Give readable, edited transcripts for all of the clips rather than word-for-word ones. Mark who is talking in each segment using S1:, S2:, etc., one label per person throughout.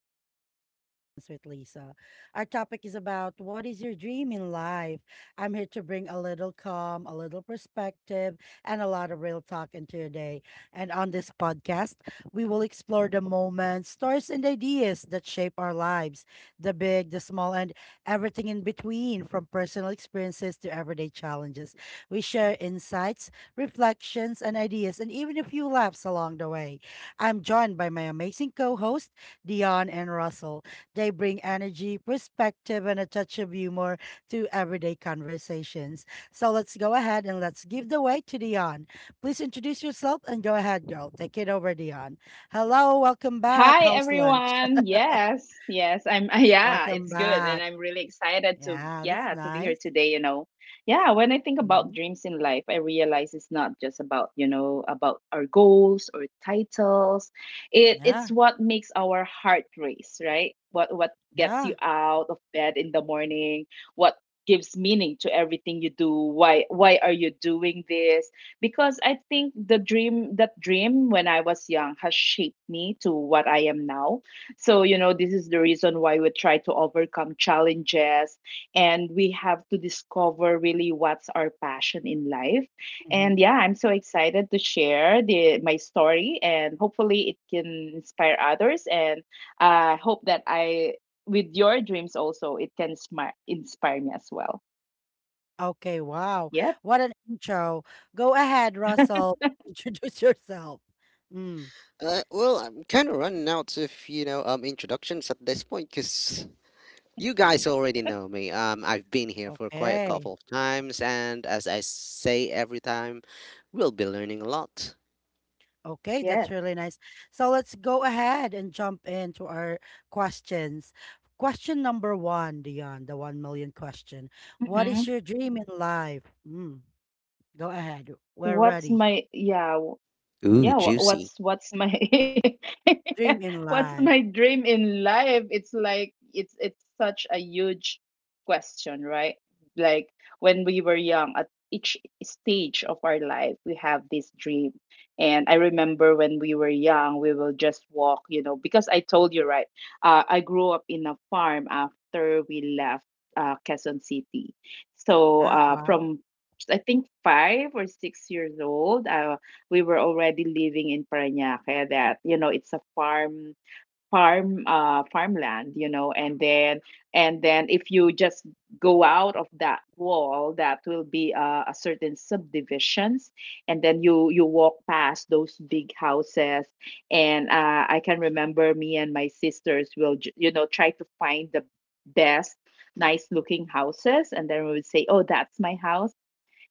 S1: Everyday Reflections with Lisa. Our topic is about what is your dream in life? I'm here to bring a little calm, a little perspective, and a lot of real talk into your day. And on this podcast, we will explore the moments, stories, and ideas that shape our lives, the big, the small, and everything in between, from personal experiences to everyday challenges. We share insights, reflections, and ideas, and even a few laughs along the way. I'm joined by my amazing co host Dion and Russell. They bring energy, perspective, and a touch of humor to everyday conversations. So let's go ahead and let's give the way to Dion. Please introduce yourself and go ahead, girl. Take it over, Dion. Hello, welcome back.
S2: Hi
S1: How's lunch?
S2: everyone. Yes, yes. I'm yeah,
S1: welcome
S2: it's good and
S1: back.
S2: I'm really excited to
S1: Yeah, that's
S2: yeah, to be here
S1: nice.
S2: today, Yeah, when I think about
S1: Hmm.
S2: dreams in life, I realize it's not just about, about our goals or titles. It
S1: Yeah,
S2: it's what makes our heart race, right? What gets you
S1: yeah.
S2: out of bed in the morning, what gives meaning to everything you do, why are you doing this? Because I think the dream when I was young has shaped me to what I am now. So, you know, this is the reason why we try to overcome challenges, and we have to discover really what's our passion in life. And
S1: Hmm.
S2: yeah, I'm so excited to share the my story, and hopefully it can inspire others, and I hope that I, with your dreams also, it can smart, inspire me as well.
S1: Okay, wow.
S2: Yep.
S1: What an intro. Go ahead, Russell. Introduce yourself. Mm.
S3: Well, I'm kind of running out of introductions at this point because you guys already know me. I've been here for quite a
S1: Okay.
S3: couple of times, and as I say every time, we'll be learning a lot.
S1: Okay, that's
S2: Yes.
S1: really nice. So let's go ahead and jump into our questions. Question number one, Dion, the one million question. What is
S2: Hmm.
S1: your dream in life? Mm, go ahead. We're
S2: What's
S1: ready.
S2: my, yeah?
S3: Ooh,
S2: yeah wha-
S3: juicy!
S2: what's what's my
S1: Dream in
S2: what's
S1: life.
S2: my dream in life? It's like it's such a huge question, right? Like when we were young, at each stage of our life we have this dream. And I remember when we were young, we will just walk, you know, because I told you, right, I grew up in a farm after we left Quezon City. So
S1: Ah, wow.
S2: from I think 5 or 6 years old, we were already living in Parañaque. That, you know, it's a farm, farmland you know, and then, and then if you just go out of that wall, that will be a certain subdivisions. And then you walk past those big houses, and I can remember me and my sisters will you know, try to find the best nice looking houses, and then we would say, oh, that's my house.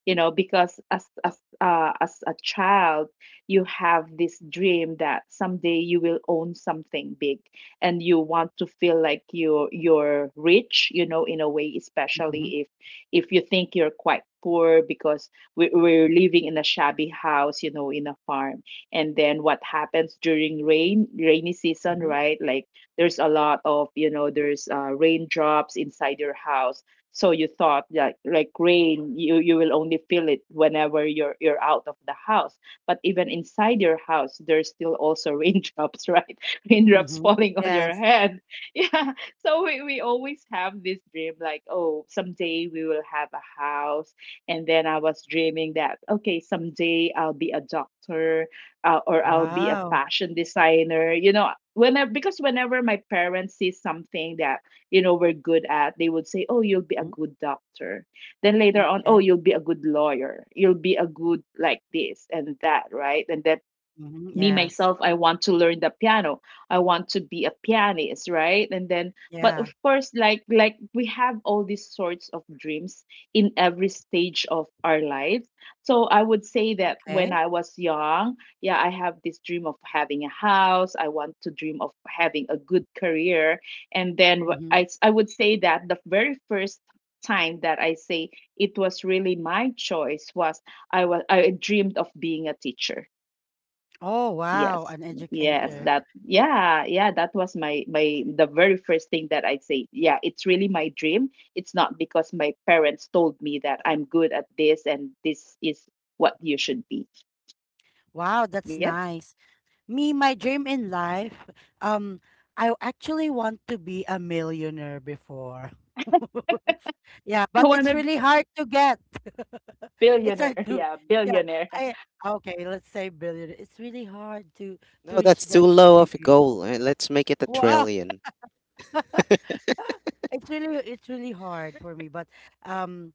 S2: You know, because as a child, you have this dream that someday you will own something big, and you want to feel like you're rich, you know, in a way,
S1: Mm-hmm,
S2: especially if you think you're quite poor. Because we, we're living in a shabby house, you know, in a farm, and then what happens during rainy season,
S1: mm-hmm,
S2: right? Like there's a lot of, you know, there's raindrops inside your house. So you thought that like rain, you will only feel it whenever you're out of the house, but even inside your house there's still also raindrops, right? Raindrops
S1: mm-hmm.
S2: falling on your
S1: Yes.
S2: head. Yeah, so we always have this dream, like, oh, someday we will have a house. And then I was dreaming that, okay, someday I'll be a doctor, or I'll be a
S1: Wow.
S2: fashion designer. You know, whenever, because whenever my parents see something that, you know, were good at, they would say, oh, you'll be a
S1: Mhm.
S2: good doctor. Then later on, oh,
S1: Okay.
S2: you'll be a good lawyer, you'll be a good like this and that, right? And then
S1: Mm-hmm,
S2: me
S1: yes.
S2: myself, I want to learn the piano, I want to be a pianist, right? And then, but of
S1: Yeah.
S2: course, like we have all these sorts of dreams in every stage of our lives. So I would say that when
S1: Okay.
S2: I was young, yeah, I have this dream of having a house, I want to dream of having a good career. And then wh-
S1: Mm-hmm.
S2: i i would say that the very first time that I say, it was really my choice, was I was, I dreamed of being a teacher.
S1: Oh, wow.
S2: Yes,
S1: An
S2: yes,
S1: educator.
S3: Wow.
S2: that, yeah, yeah, that was my the very first thing that I'd say. Yeah, it's really my dream. It's not because my parents told me that I'm good at this and this is what you should be.
S1: Wow, that's
S2: Yep.
S1: nice. Me, my dream in life, um, I actually want to be a millionaire before. Yeah,
S2: I
S1: but
S2: want
S1: it's
S2: to be
S1: really
S2: a
S1: hard to get. It's hard
S2: billionaire.
S1: to,
S2: Yeah,
S1: yeah.
S2: billionaire.
S1: I Okay, let's say billion. It's really hard to
S3: No,
S1: reach
S3: that's
S1: that
S3: too low
S1: dream.
S3: of a goal. Let's make it a
S1: Wow.
S3: trillion.
S1: It's really hard for me, but um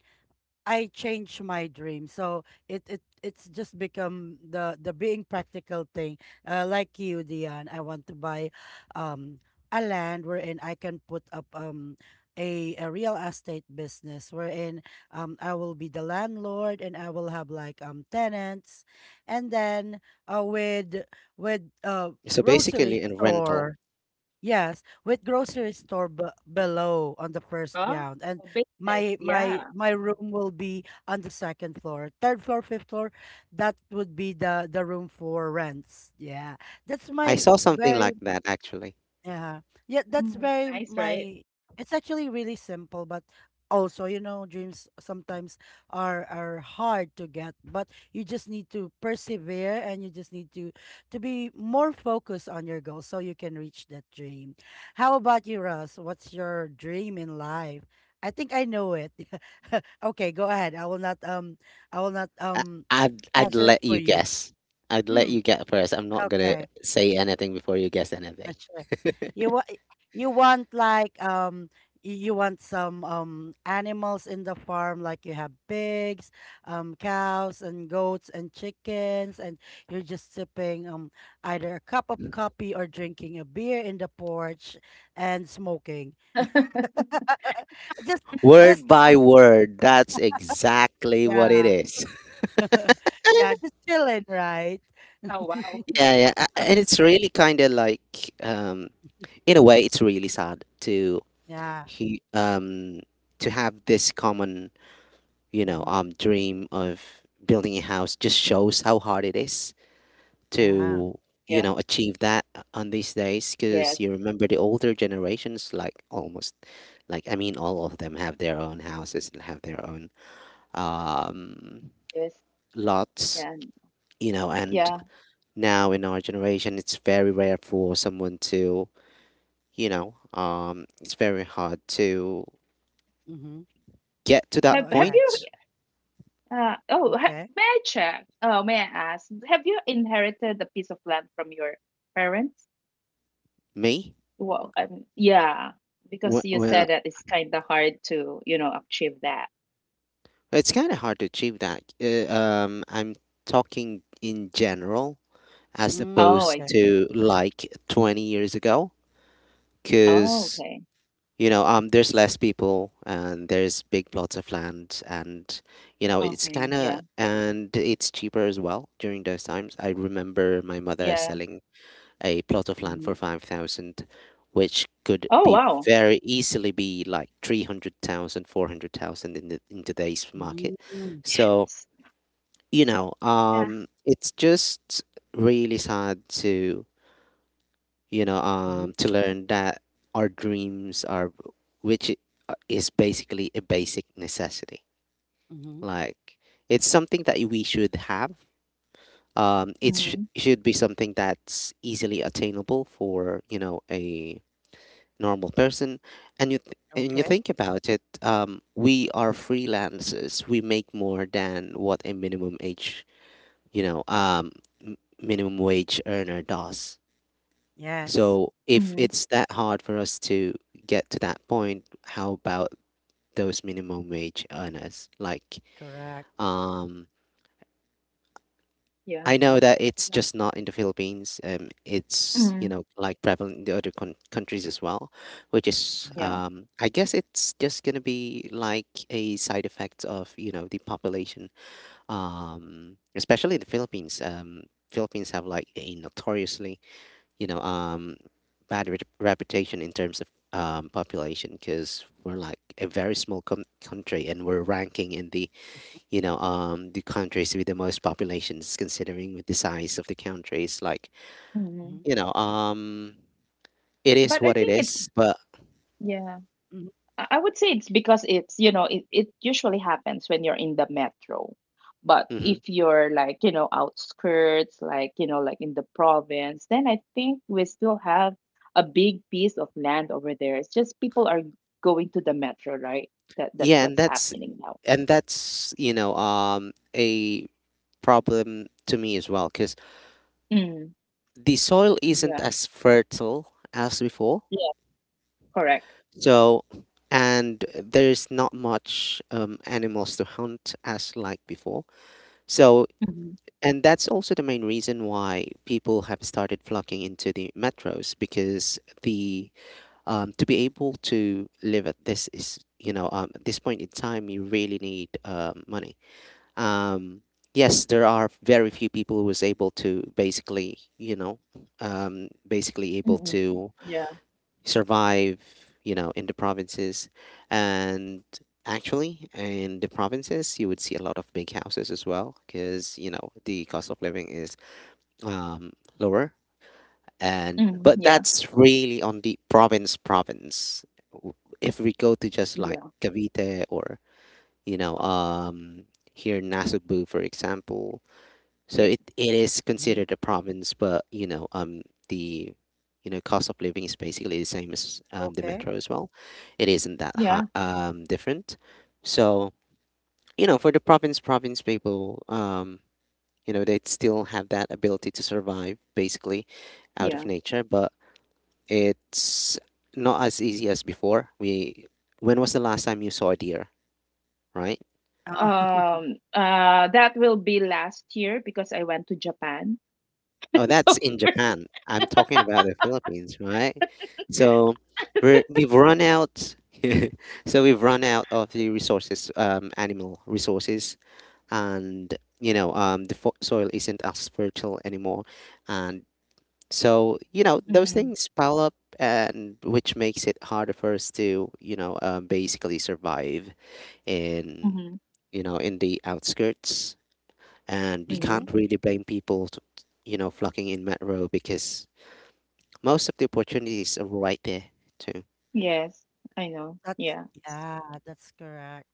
S1: I changed my dream. So it's just become the being practical thing. Like you, Dion, I want to buy um a land wherein I can put up a real estate business wherein I will be the landlord and I will have like tenants, and then uh with with
S3: So
S1: grocery
S3: basically, in rental,
S1: store. Yes, with grocery store b below on the first
S2: Oh,
S1: ground, and
S2: business.
S1: my my
S2: Yeah.
S1: my room will be on the second floor, third floor, fifth floor. That would be the room for rents. Yeah, that's
S3: I
S1: my
S3: saw something
S1: very,
S3: like that actually.
S1: yeah. Yeah, that's
S2: Mm,
S1: very
S2: nice, right?
S1: my, it's actually really simple, but also, dreams sometimes are hard to get, but you just need to persevere and you just need to be more focused on your goals so you can reach that dream. How about you, Russ? What's your dream in life? I think I know it. Okay, go ahead. I will not I will not
S3: I,
S1: um
S3: I'd
S1: answer it
S3: let
S1: for
S3: you
S1: you.
S3: guess. I'd let
S1: Mm,
S3: you get first. I'm not gonna
S1: okay.
S3: say anything before you guess anything.
S1: Not sure. You want you want like y- you want some animals in the farm, like you have pigs, cows and goats and chickens, and you're just sipping either a cup of coffee or drinking a beer in the porch and smoking. Just just
S3: Word by word, that's exactly what it
S1: yeah.
S3: is.
S1: Yeah, just chilling, right?
S2: Oh, wow.
S3: Yeah, yeah, and it's really kind of like, in a way, it's really sad to
S1: Yeah.
S3: he to have this common,
S1: Mm-hmm.
S3: dream of building a house. Just shows how hard it is
S1: Yeah.
S3: to,
S2: Yeah.
S3: achieve that on these days.
S2: Yes.
S3: Because you remember the older generations, like almost, like I mean, all of them have their own houses and have their own um
S2: Yes.
S3: lots,
S2: Yeah.
S3: and
S2: Yeah.
S3: now in our generation, it's very rare for someone to, it's very hard to
S1: Mm-hmm.
S3: get to
S1: Go
S3: that
S2: Have have
S1: ahead.
S2: you
S3: point.
S2: Oh, ha-
S1: Okay.
S2: may I check? Oh, may I ask? Have you inherited a piece of land from your parents?
S3: Me,
S2: Well, yeah,
S3: well,
S2: because you
S3: well
S2: said that it's kind of hard to, you know, achieve that.
S3: it's kind of hard to achieve that. I'm talking in general as
S1: Mm,
S2: Oh,
S3: opposed
S2: I
S1: okay.
S2: see.
S3: to like 20 years ago,
S2: Oh,
S3: because
S2: okay.
S3: there's less people and there's big plots of land, and it's
S2: Okay.
S3: kind of,
S2: Yeah.
S3: and it's cheaper as well during those times. I remember my mother
S2: Yeah.
S3: selling a plot of land
S1: Mm-hmm.
S3: for 5,000, which could
S2: Oh,
S3: be
S2: wow.
S3: very easily be like 300,000, 400,000 in today's market.
S1: Mm,
S3: So
S2: S-. Yeah.
S3: it's just really sad to,
S1: mhm,
S3: to learn that our dreams are, which is basically a basic necessity.
S1: mhm.
S3: Like it's something that we should have. It
S2: Mm-hmm.
S3: should be something that's easily attainable for a normal person. And and you
S1: Okay.
S3: think about it, we are freelancers. We make more than what a minimum age, you know, um, minimum wage earner does.
S1: Yes.
S3: So if
S2: Mm-hmm.
S3: it's that hard for us to get to that point, how about those minimum wage earners? Like,
S1: Correct.
S3: um,
S2: Yeah.
S3: I know
S1: Mhm,
S3: that it's
S2: Yeah.
S3: just not in the Philippines. It's,
S2: Mm-hmm.
S3: like prevalent in the other con countries as well, which is,
S1: mhm,
S2: Yeah.
S3: I guess it's just gonna be like a side effect of, the population, especially in the Philippines. Philippines have like a notoriously you know um bad reputation in terms of population, because we're like a very small country, and we're ranking in the countries with the most populations considering with the size of the countries, like
S2: Mm-hmm.
S1: mhm,
S3: you know um it is
S2: But I
S3: what it
S2: think it's,
S3: is, but
S2: yeah.
S1: mhm,
S2: I would say it's because it's, you know, it usually happens when you're in the metro. But
S3: Mhm.
S2: if you're like, you know, outskirts, like, you know, like in the province, then I think we still have a big piece of land over there. It's just people are going to the metro, right? That that's
S3: Yeah, and
S2: what's
S3: that's
S2: happening now.
S3: and that's a problem to me as well, because
S2: Mm,
S3: the soil isn't
S2: yeah.
S3: as fertile as before.
S2: Yeah, correct.
S3: So, and there's not much, animals to hunt as like before. So,
S2: Hmm.
S3: and that's also the main reason why people have started flocking into the metros, because the to be able to live at this is, at this point in time you really need money. Um, yes, there are very few people who was able to basically basically
S2: Hmm.
S3: able to
S2: Yeah.
S3: survive, in the provinces. And actually, in the provinces, you would see a lot of big houses as well, because the cost of living is, um, lower. And
S2: Mm,
S3: but
S2: yeah.
S3: that's really on the province. W- If we go to just like
S2: Yeah.
S3: Cavite or you know um, here in Nasugbu, for example, so
S2: Yeah.
S3: it is
S1: mhm.
S3: considered a province, but the cost of living is basically the same as, the
S1: Okay.
S3: metro as well. It isn't that high,
S2: Yeah.
S3: different. So for the province people, they still have that ability to survive basically out of
S2: Yeah.
S3: nature, but it's not as easy as before. We When was the last time you saw a deer, right?
S1: Oh,
S2: That will be last year because I went to Japan.
S3: Oh, that's
S2: So
S3: in
S2: there's.
S3: Japan. I'm talking about the Philippines, right? So we've run out. So we've run out of the resources, animal resources, and the soil isn't as fertile anymore, and so those
S2: Mm.
S3: things pile up, and which makes it harder for us to basically survive in,
S2: Mhm.
S3: in the outskirts, and you can't
S1: mhm.
S2: Mhm.
S3: really blame people, to, flocking in metro because most of the opportunities are right there too.
S2: Yes, I know.
S1: That's
S2: Yeah. S-.
S1: Yeah. That's correct.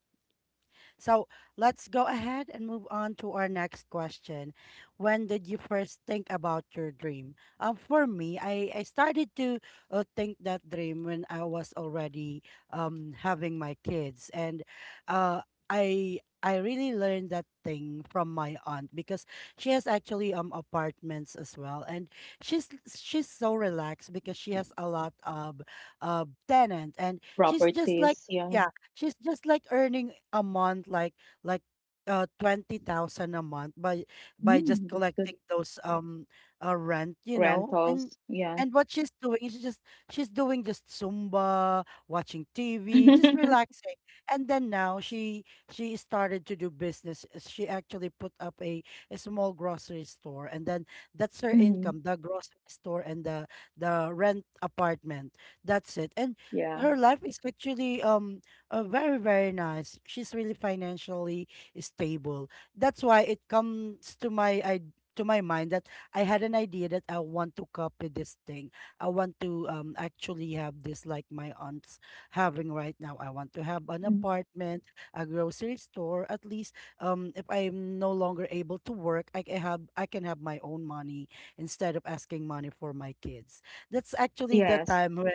S1: So let's go ahead and move on to our next question. When did you first think about your dream? For me, I started to think that dream when I was already having my kids, and uh, I really learned that thing from my aunt because she has actually apartments as well, and she's so relaxed because she has a lot of tenant, and she's just like.
S2: Properties. Yeah.
S1: Yeah, she's just like earning a month, like like 20,000 a month by just
S2: Mm, that's good.
S1: collecting those rent. And
S2: Rentals. Yeah.
S1: and what she's doing is just she's doing just Zumba, watching TV, just relaxing. And then now she started to do business. She actually put up a small grocery store, and then that's her
S2: Mm-hmm.
S1: income, the grocery store and the rent apartment. That's it. And
S2: Yeah.
S1: her life is actually very, very nice. She's really financially stable. That's why it comes to my mind that I had an idea that I want to copy this thing. I want to actually have this like my aunt's having right now. I want to have an
S2: Mm.
S1: apartment, a grocery store. At least if I'm no longer able to work, I can have my own money instead of asking money for my kids. That's actually the
S2: Yes.
S1: time when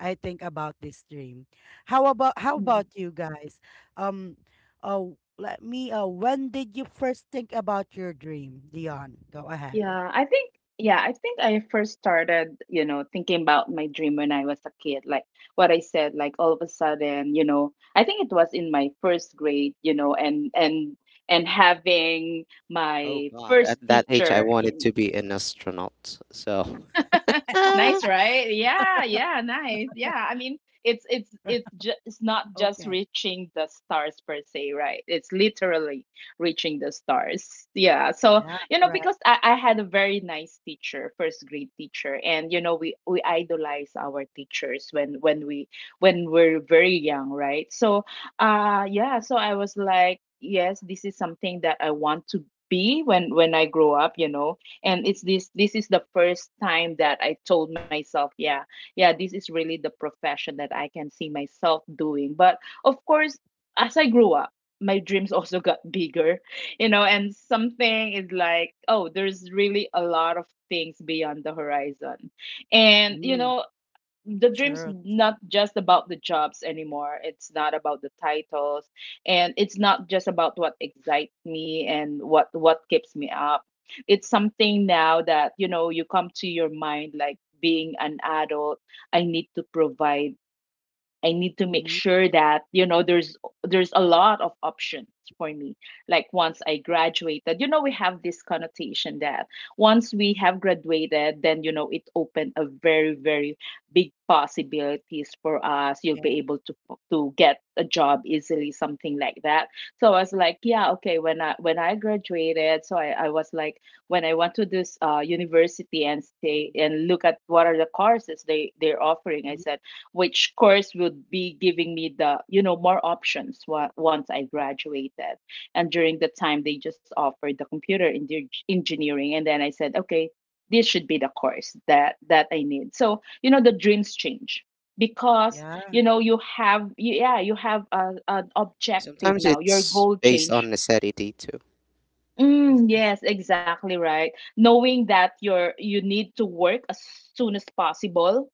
S1: I think about this dream. How about
S2: Mm.
S1: you guys? Um, oh, let me. When did you first think about your dream, Dion? Go ahead.
S2: Yeah. I think, yeah, I think I first started, you know, thinking about my dream when I was a kid. Like what I said, like all of a sudden, you know, I think it was in my first grade, you know, and having
S3: Oh
S2: my
S3: God, at
S2: first
S3: that age, I
S2: teacher,
S3: wanted to be an astronaut. So ah,
S2: nice, right? Yeah, yeah, nice. Yeah, I mean, it's not just
S1: Okay.
S2: reaching the stars per se, right? It's literally reaching the stars. Yeah. So
S1: Yeah.
S2: you know,
S1: Correct.
S2: because I had a very nice teacher, first grade teacher, and you know, we idolize our teachers when we're very young, right? So, yeah. So I was like, yes, this is something that I want to be when I grow up. You know, and it's this this is the first time that I told myself, yeah, yeah, this is really the profession that I can see myself doing. But of course, as I grew up, my dreams also got bigger, you know, and something is like, oh, there's really a lot of things beyond the horizon. And you
S1: Mm,
S2: know, the dream's
S1: sure.
S2: not just about the jobs anymore. It's not about the titles, and it's not just about what excites me and what keeps me up. It's something now that you know, you come to your mind like being an adult. I need to provide, I need to make
S1: Mm-hmm.
S2: sure that you know there's a lot of options for me. Like once I graduated, you know, we have this connotation that once we have graduated, then you know it opened a very, very big possibilities for us. You'll be
S1: Okay.
S2: able to get a job easily, something like that. So I was like, yeah, okay. When I graduated, so I was like, when I went to this university and stay and look at what are the courses they they're offering, I
S1: Mhm.
S2: said which course would be giving me the, you know, more options once I graduated. And during the time they just offered the engineering, and then I said okay, this should be the course that that I need. So you know the dreams change because
S1: Yeah.
S2: you know you have yeah, you have a, an objective
S3: sometimes
S2: now, your
S3: it's
S2: goal
S3: based on
S2: change.
S3: necessity too.
S2: Mm,
S1: Necessity.
S2: yes, exactly right. Knowing that you're, you need to work as soon as possible,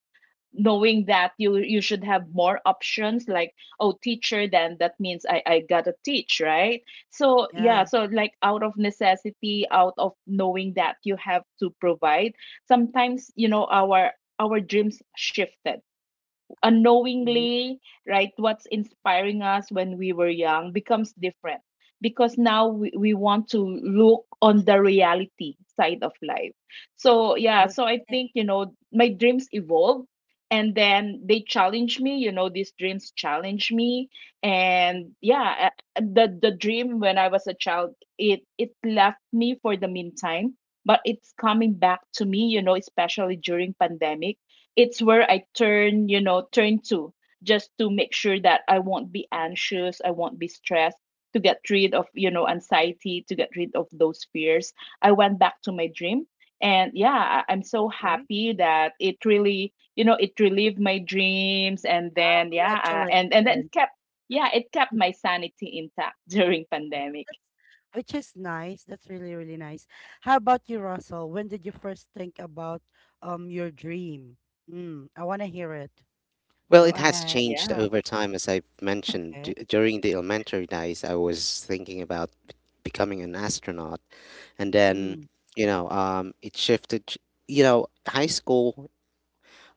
S2: knowing that you should have more options, like, oh, teacher, then that means I gotta teach, right? So yeah,
S1: Yeah.
S2: so like, out of necessity, out of knowing that you have to provide, sometimes you know our dreams shifted
S1: Hmm.
S2: unknowingly, right, what's inspiring us when we were young becomes different because now we want to look on the reality side of life. So, yeah, so I
S1: Okay.
S2: think, you know, my dreams evolve, and then they challenge me, you know, these dreams challenge me. And
S1: Mhm,
S2: yeah, the dream when I was a child, it left me for the meantime, but it's coming back to me, you know, especially during pandemic. It's where I turn, you know, turn to, just to make sure that I won't be anxious, I won't be stressed, to get rid of, you know, anxiety, to get rid of those fears. I went back to my dream. And yeah, I- I'm so
S1: okay.
S2: happy that it really, you know, it relieved my dreams. And then, yeah, and then
S1: Congratulations.
S2: kept, yeah, it kept my sanity intact during pandemic.
S1: That's, which is nice. That's really, really nice. How about you, Russell? When did you first think about your dream? Mm, I want to hear it.
S3: Well,
S1: Go
S3: it has
S1: ahead.
S3: changed
S2: Yeah.
S3: over time, as I've mentioned.
S1: Okay.
S3: During the elementary days, I was thinking about becoming an astronaut, and then
S1: Mm.
S3: it shifted. You know, high school,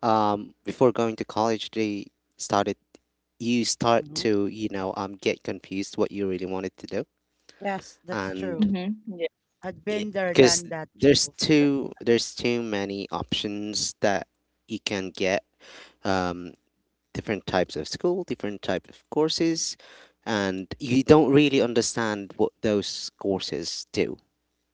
S3: before going to college, they started, you start
S1: Hmm.
S3: to, get confused what you really wanted to do.
S1: Yes, that's true.
S3: And
S2: Mm-hmm. Yeah.
S1: I've been there,
S3: because
S1: done that, Jules.
S3: there's too many options that you can get, um, different types of school, different type of courses, and you don't really understand what those courses do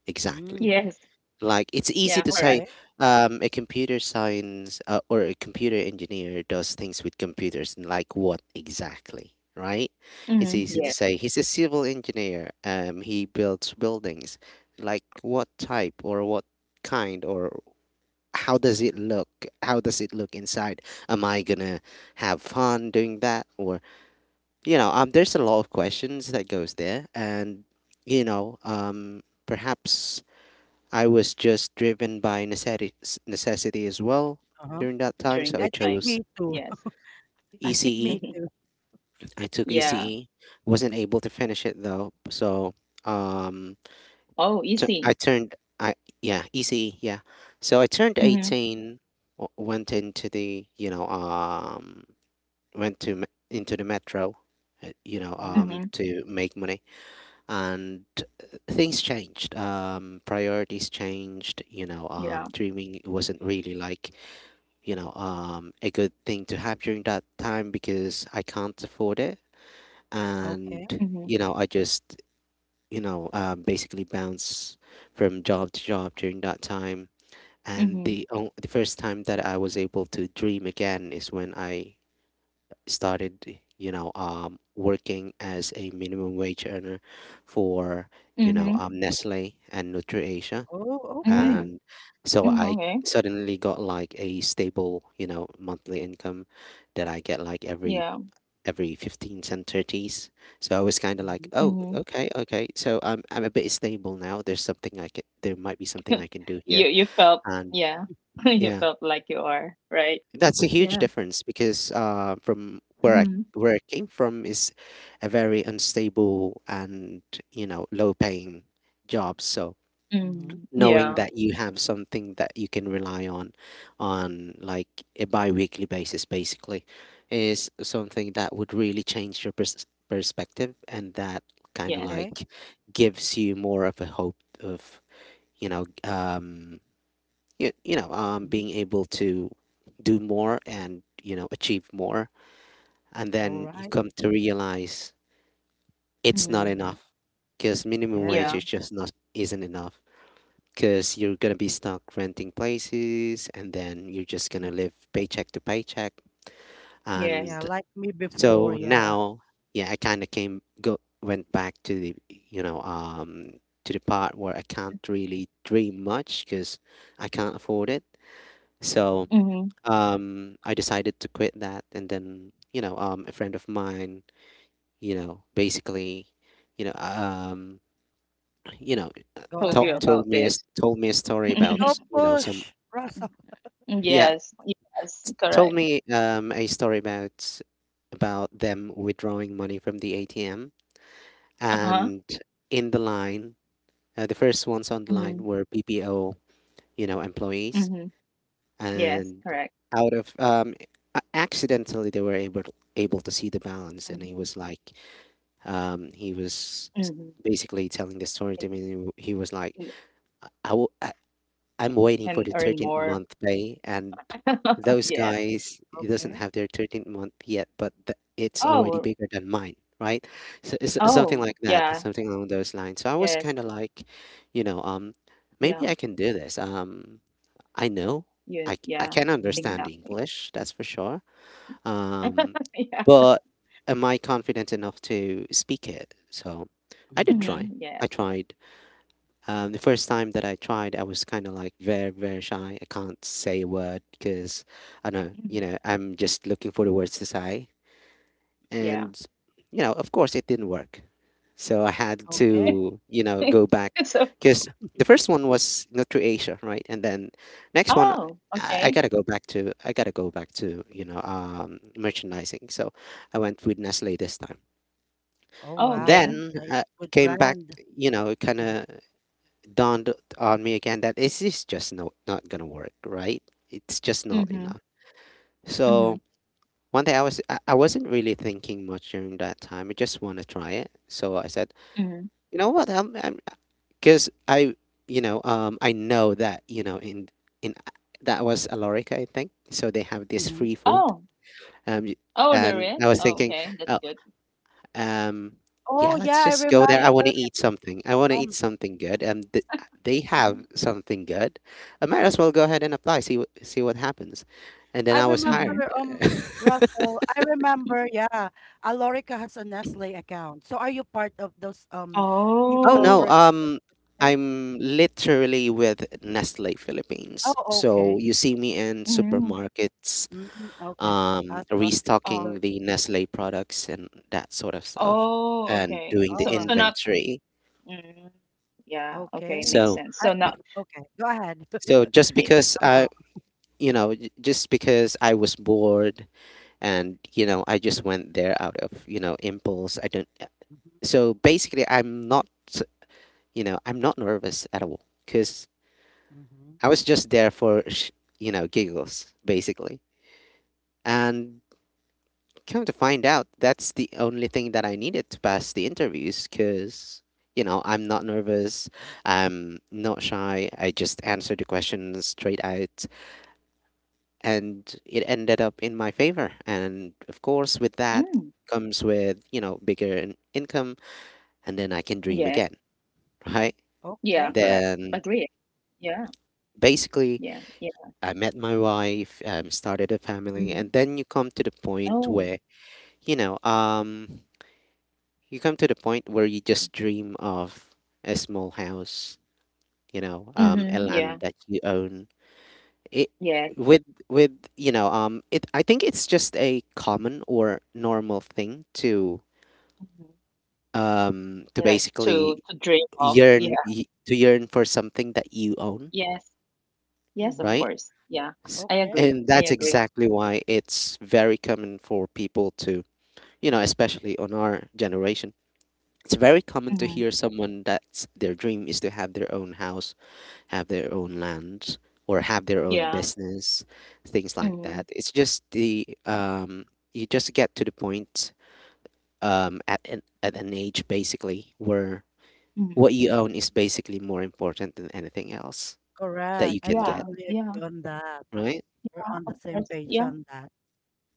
S3: exactly.
S1: Mm,
S2: Yes.
S3: Like it's easy
S2: Yeah,
S3: to say,
S2: correct.
S1: okay.
S3: a computer science, or a computer engineer does things with computers, and like what exactly, right? It's
S2: Mm-hmm.
S3: easy
S1: Mm-hmm.
S3: to
S2: Yeah,
S3: say he's a civil engineer. He builds buildings. Like what type or what kind or how does it look? How does it look inside? Am I gonna have fun doing that? Or there's a lot of questions that goes there, and you know, um, perhaps I was just driven by necessity, as well
S1: Uh-huh.
S3: during that time, so I
S2: during
S1: I
S2: that
S1: think
S3: chose
S1: me
S2: time.
S1: too.
S2: Yes.
S1: I think
S3: ECE.
S1: me
S3: I took
S1: Mhm.
S2: Yeah.
S3: ECE, wasn't able to finish it though, so um,
S2: Oh,
S3: I
S2: easy.
S3: turned I yeah ECE yeah, so I turned
S2: Mhm,
S3: 18. Went into the, went into the metro,
S1: Mhm.
S2: mhm.
S3: to make money. And things changed, priorities changed,
S2: Yeah.
S3: dreaming wasn't really like, a good thing to have during that time because I can't afford it.
S1: Okay.
S3: And,
S2: Mhm,
S3: I just, basically bounce from job to job during that time. And the,
S2: mhm,
S3: o- the first time that I was able to dream again is when I started, working as a minimum wage earner for,
S2: mhm,
S3: Nestle and NutriAsia,
S1: Oh, okay.
S2: mm,
S3: and so
S2: mm,
S3: I
S2: okay.
S3: suddenly got like a stable, monthly income that I get like every
S2: Yeah.
S3: every 15 and 30s. So I was kind of
S1: Mhm.
S3: like, oh,
S2: Mhm.
S3: okay, okay. So I'm a bit stable now. There might be something I can do
S2: You
S3: here.
S2: you felt,
S3: And
S2: yeah. You
S3: yeah,
S2: felt like you are, right?
S3: that's a huge
S2: Yeah.
S3: difference because from
S2: Mhm,
S3: where I came from is a very unstable and, low paying job. So
S1: Mhm.
S2: mm.
S3: knowing
S2: Yeah.
S3: that you have something that you can rely on, like a bi-weekly basis basically is something that would really change your perspective, and that kind of
S2: Yes.
S1: Okay.
S3: like gives you more of a hope of you know you, you know
S1: Mhm.
S3: being able to do more, and achieve more, and
S1: All
S3: then you
S1: right.
S3: come to realize it's not
S2: Mhm.
S1: Mhm.
S3: enough because minimum wage
S1: Yes.
S3: is
S2: Yeah.
S3: just not isn't enough, because you're gonna be stuck renting places, and then you're just
S1: Mm-hmm.
S3: gonna live paycheck to paycheck.
S1: Yeah,
S2: Yes.
S3: And
S1: like me before.
S3: so
S1: Yeah.
S3: now, yeah, I kind of came go went back to the part where I can't really dream much because I can't afford it.
S1: Mhm.
S3: So
S2: Mhm.
S3: I decided to quit that, and then a friend of mine, you know basically you know you know
S1: Go
S2: Told you
S1: ahead.
S2: about this.
S3: told me a story
S1: Go
S3: about, some.
S1: push, Russell. Okay.
S3: Yeah,
S2: Yes. Yes.
S3: told
S2: Correct.
S3: me, a story about, them withdrawing money from the ATM,
S2: Uh-huh.
S3: and in the line, the first ones on the
S2: Mhm,
S3: line were BPO, employees,
S2: mhm. Yes.
S3: and
S2: Correct.
S3: out of, accidentally they were able to see the balance, and
S2: Mhm,
S3: he was like, um, he was s-
S2: mhm.
S3: basically telling the story
S2: It-,
S3: to me. And he was like, I, I, w- I'm
S2: it.
S3: waiting for
S2: Can
S3: the
S2: earn
S3: 13th
S2: more.
S3: month pay, and those
S2: Yes.
S3: guys doesn't
S1: Okay.
S3: have their 13th month yet, but it's already
S2: Oh.
S3: bigger than mine, right? So it's something
S2: Oh,
S3: like that,
S2: yeah.
S3: something along those lines. So I was
S2: Yes.
S3: kind of like, you know, um,
S2: Yeah.
S3: maybe I can do this. I know,
S2: Yeah.
S3: I
S2: Yeah.
S3: can
S1: Mm-hmm.
S3: understand
S2: Exactly.
S3: English, that's for sure. Um,
S2: Yeah.
S3: but am I confident enough to speak it? So I did
S1: Mm-hmm.
S3: try.
S2: Mhm. Yes.
S3: I tried, the first time that I tried, I was kind of like very, very shy. I can't say a word because I know,
S2: Mhm.
S3: I'm just looking for the words to say.
S2: Yeah.
S3: And, you know, of course, it didn't work. So I had
S1: Okay.
S3: to, you know, go back
S2: So,
S3: because the first one was not through Asia, right? And then next one,
S2: oh,
S3: I
S2: okay.
S3: gotta go back to, I gotta go back to, you know, merchandising. So I went with Nestle this time.
S1: Oh
S2: Oh,
S3: And
S1: wow,
S2: okay.
S1: that's
S3: then
S1: a nice,
S3: I
S1: good
S3: came back,
S1: brand.
S3: you know, kind of dawned on me again that it's just no, not gonna work, right? It's just not
S2: Mhm.
S3: enough. So
S2: Mhm.
S3: one day I was I wasn't really thinking much during that time. I just want to try it. So I said,
S2: Mhm.
S3: you know what? I'm because I I know that, you know, in that was Alorica, I think. So they have this
S1: Mhm.
S3: free food.
S2: Oh.
S3: Um, y-
S2: Oh, there
S3: and I
S2: is?
S3: was
S2: Oh,
S3: thinking,
S2: okay. That's good.
S3: Um,
S1: Oh,
S3: yeah, let's
S1: yeah, I
S3: just
S1: remember,
S3: go there. I
S2: Yes.
S3: want to eat something. I want to eat
S1: um,
S3: something good, and they
S1: mhm.
S3: have something good. I might as well go ahead and apply. See what happens. And then
S1: I
S3: I was
S2: Mhm.
S3: hired.
S1: remember, um, Russell, I remember, yeah, Alorica has a Nestle account. So are you part of those
S3: Oh
S1: people
S3: no,
S2: Oh.
S1: working with Nestle?
S3: I'm literally with Nestle Philippines.
S1: Oh,
S3: So
S1: okay.
S3: you see me in
S2: Mhm.
S3: supermarkets,
S1: Mm-hmm, okay. I thought you were
S3: restocking
S2: Oh.
S1: the
S3: the
S1: people.
S3: Nestle products and that sort of stuff,
S2: Oh,
S3: and
S2: okay.
S3: doing the
S1: All
S2: So, so
S1: right.
S2: not.
S3: inventory.
S2: Mm, yeah. Okay.
S1: Okay.
S2: Makes
S3: So,
S2: sense.
S1: I,
S2: So not.
S1: okay. Go ahead.
S3: so, just
S2: eh,
S3: because
S1: I'm
S3: I
S1: wrong.
S3: you know, just because I was bored and, you know, I just went there out of, you know, impulse. I don't.
S1: Mm-hmm.
S3: So basically, I'm not, you know, I'm not nervous at all because
S1: Mm-hmm.
S3: I was just there for, you know, giggles, basically. And come to find out, that's the only thing that I needed to pass the interviews because, you know, I'm not nervous. I'm not shy. I just answer the questions straight out. And it ended up in my favor, and of course with that
S2: Mm,
S3: comes, with you know, bigger income, and then I can dream
S2: yes.
S3: again, right?
S2: Yeah.
S1: Okay.
S2: Correct.
S3: Then
S2: Agree. Yeah.
S3: basically
S2: Yeah, yeah.
S3: I met my wife, started a family,
S2: Mhm.
S3: and then you come to the point
S2: Oh.
S3: where you know um you come to the point where you just dream of a small house, you know, a
S2: Mhm. Yeah.
S3: land that you own. It
S2: Yes.
S3: With you know, it I think it's just a common or normal thing
S2: Mhm.
S3: to
S2: Yeah,
S3: basically
S2: to dream of.
S3: yearn,
S2: Yeah.
S3: to yearn for something that you own,
S2: Yes. Yes, of
S1: Mhm.
S3: right?
S2: course. Yeah.
S3: S-
S2: I
S1: Okay.
S2: agree.
S3: And
S2: I
S3: that's
S2: agree.
S3: exactly why it's very common for people to, you know, especially on our generation, it's very common to
S2: Mhm.
S3: hear someone that's their dream is to have their own house, have their own land, or have their own
S2: Yeah.
S3: business, things like
S2: Mhm.
S3: that. It's just the you just get to the point, at at an age basically where what
S2: Mhm.
S3: you own is basically more important than anything else that
S1: Correct.
S3: you
S1: I
S3: can get,
S2: Yeah.
S1: totally agree
S2: Yeah.
S1: on that.
S3: right?
S1: We're
S2: Yeah,
S1: on the
S2: of
S1: same
S2: course.
S1: page
S2: Yeah.
S1: on that.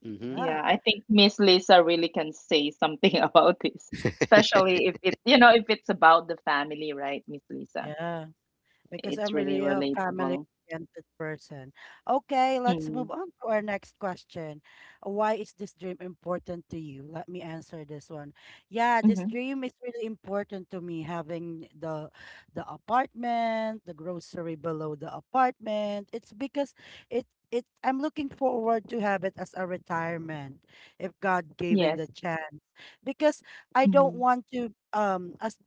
S3: Mm-hmm.
S1: Yeah.
S2: Yeah, I think Miss Lisa really can say something about this, especially if it's about the family, right, Miss Lisa?
S1: Yeah. Because
S2: It's
S1: I'm
S2: really
S1: really a
S2: relatable.
S1: family-oriented person. Okay, let's
S2: Mm-hmm.
S1: move on to our next question. Why is this dream important to you? Let me answer this one. Yeah, this
S2: Mm-hmm.
S1: dream is really important to me, having the apartment, the grocery below the apartment. It's because it it I'm looking forward to have it as a retirement if God given
S2: Yes.
S1: the chance. Because I
S2: Mm-hmm.
S1: don't want to as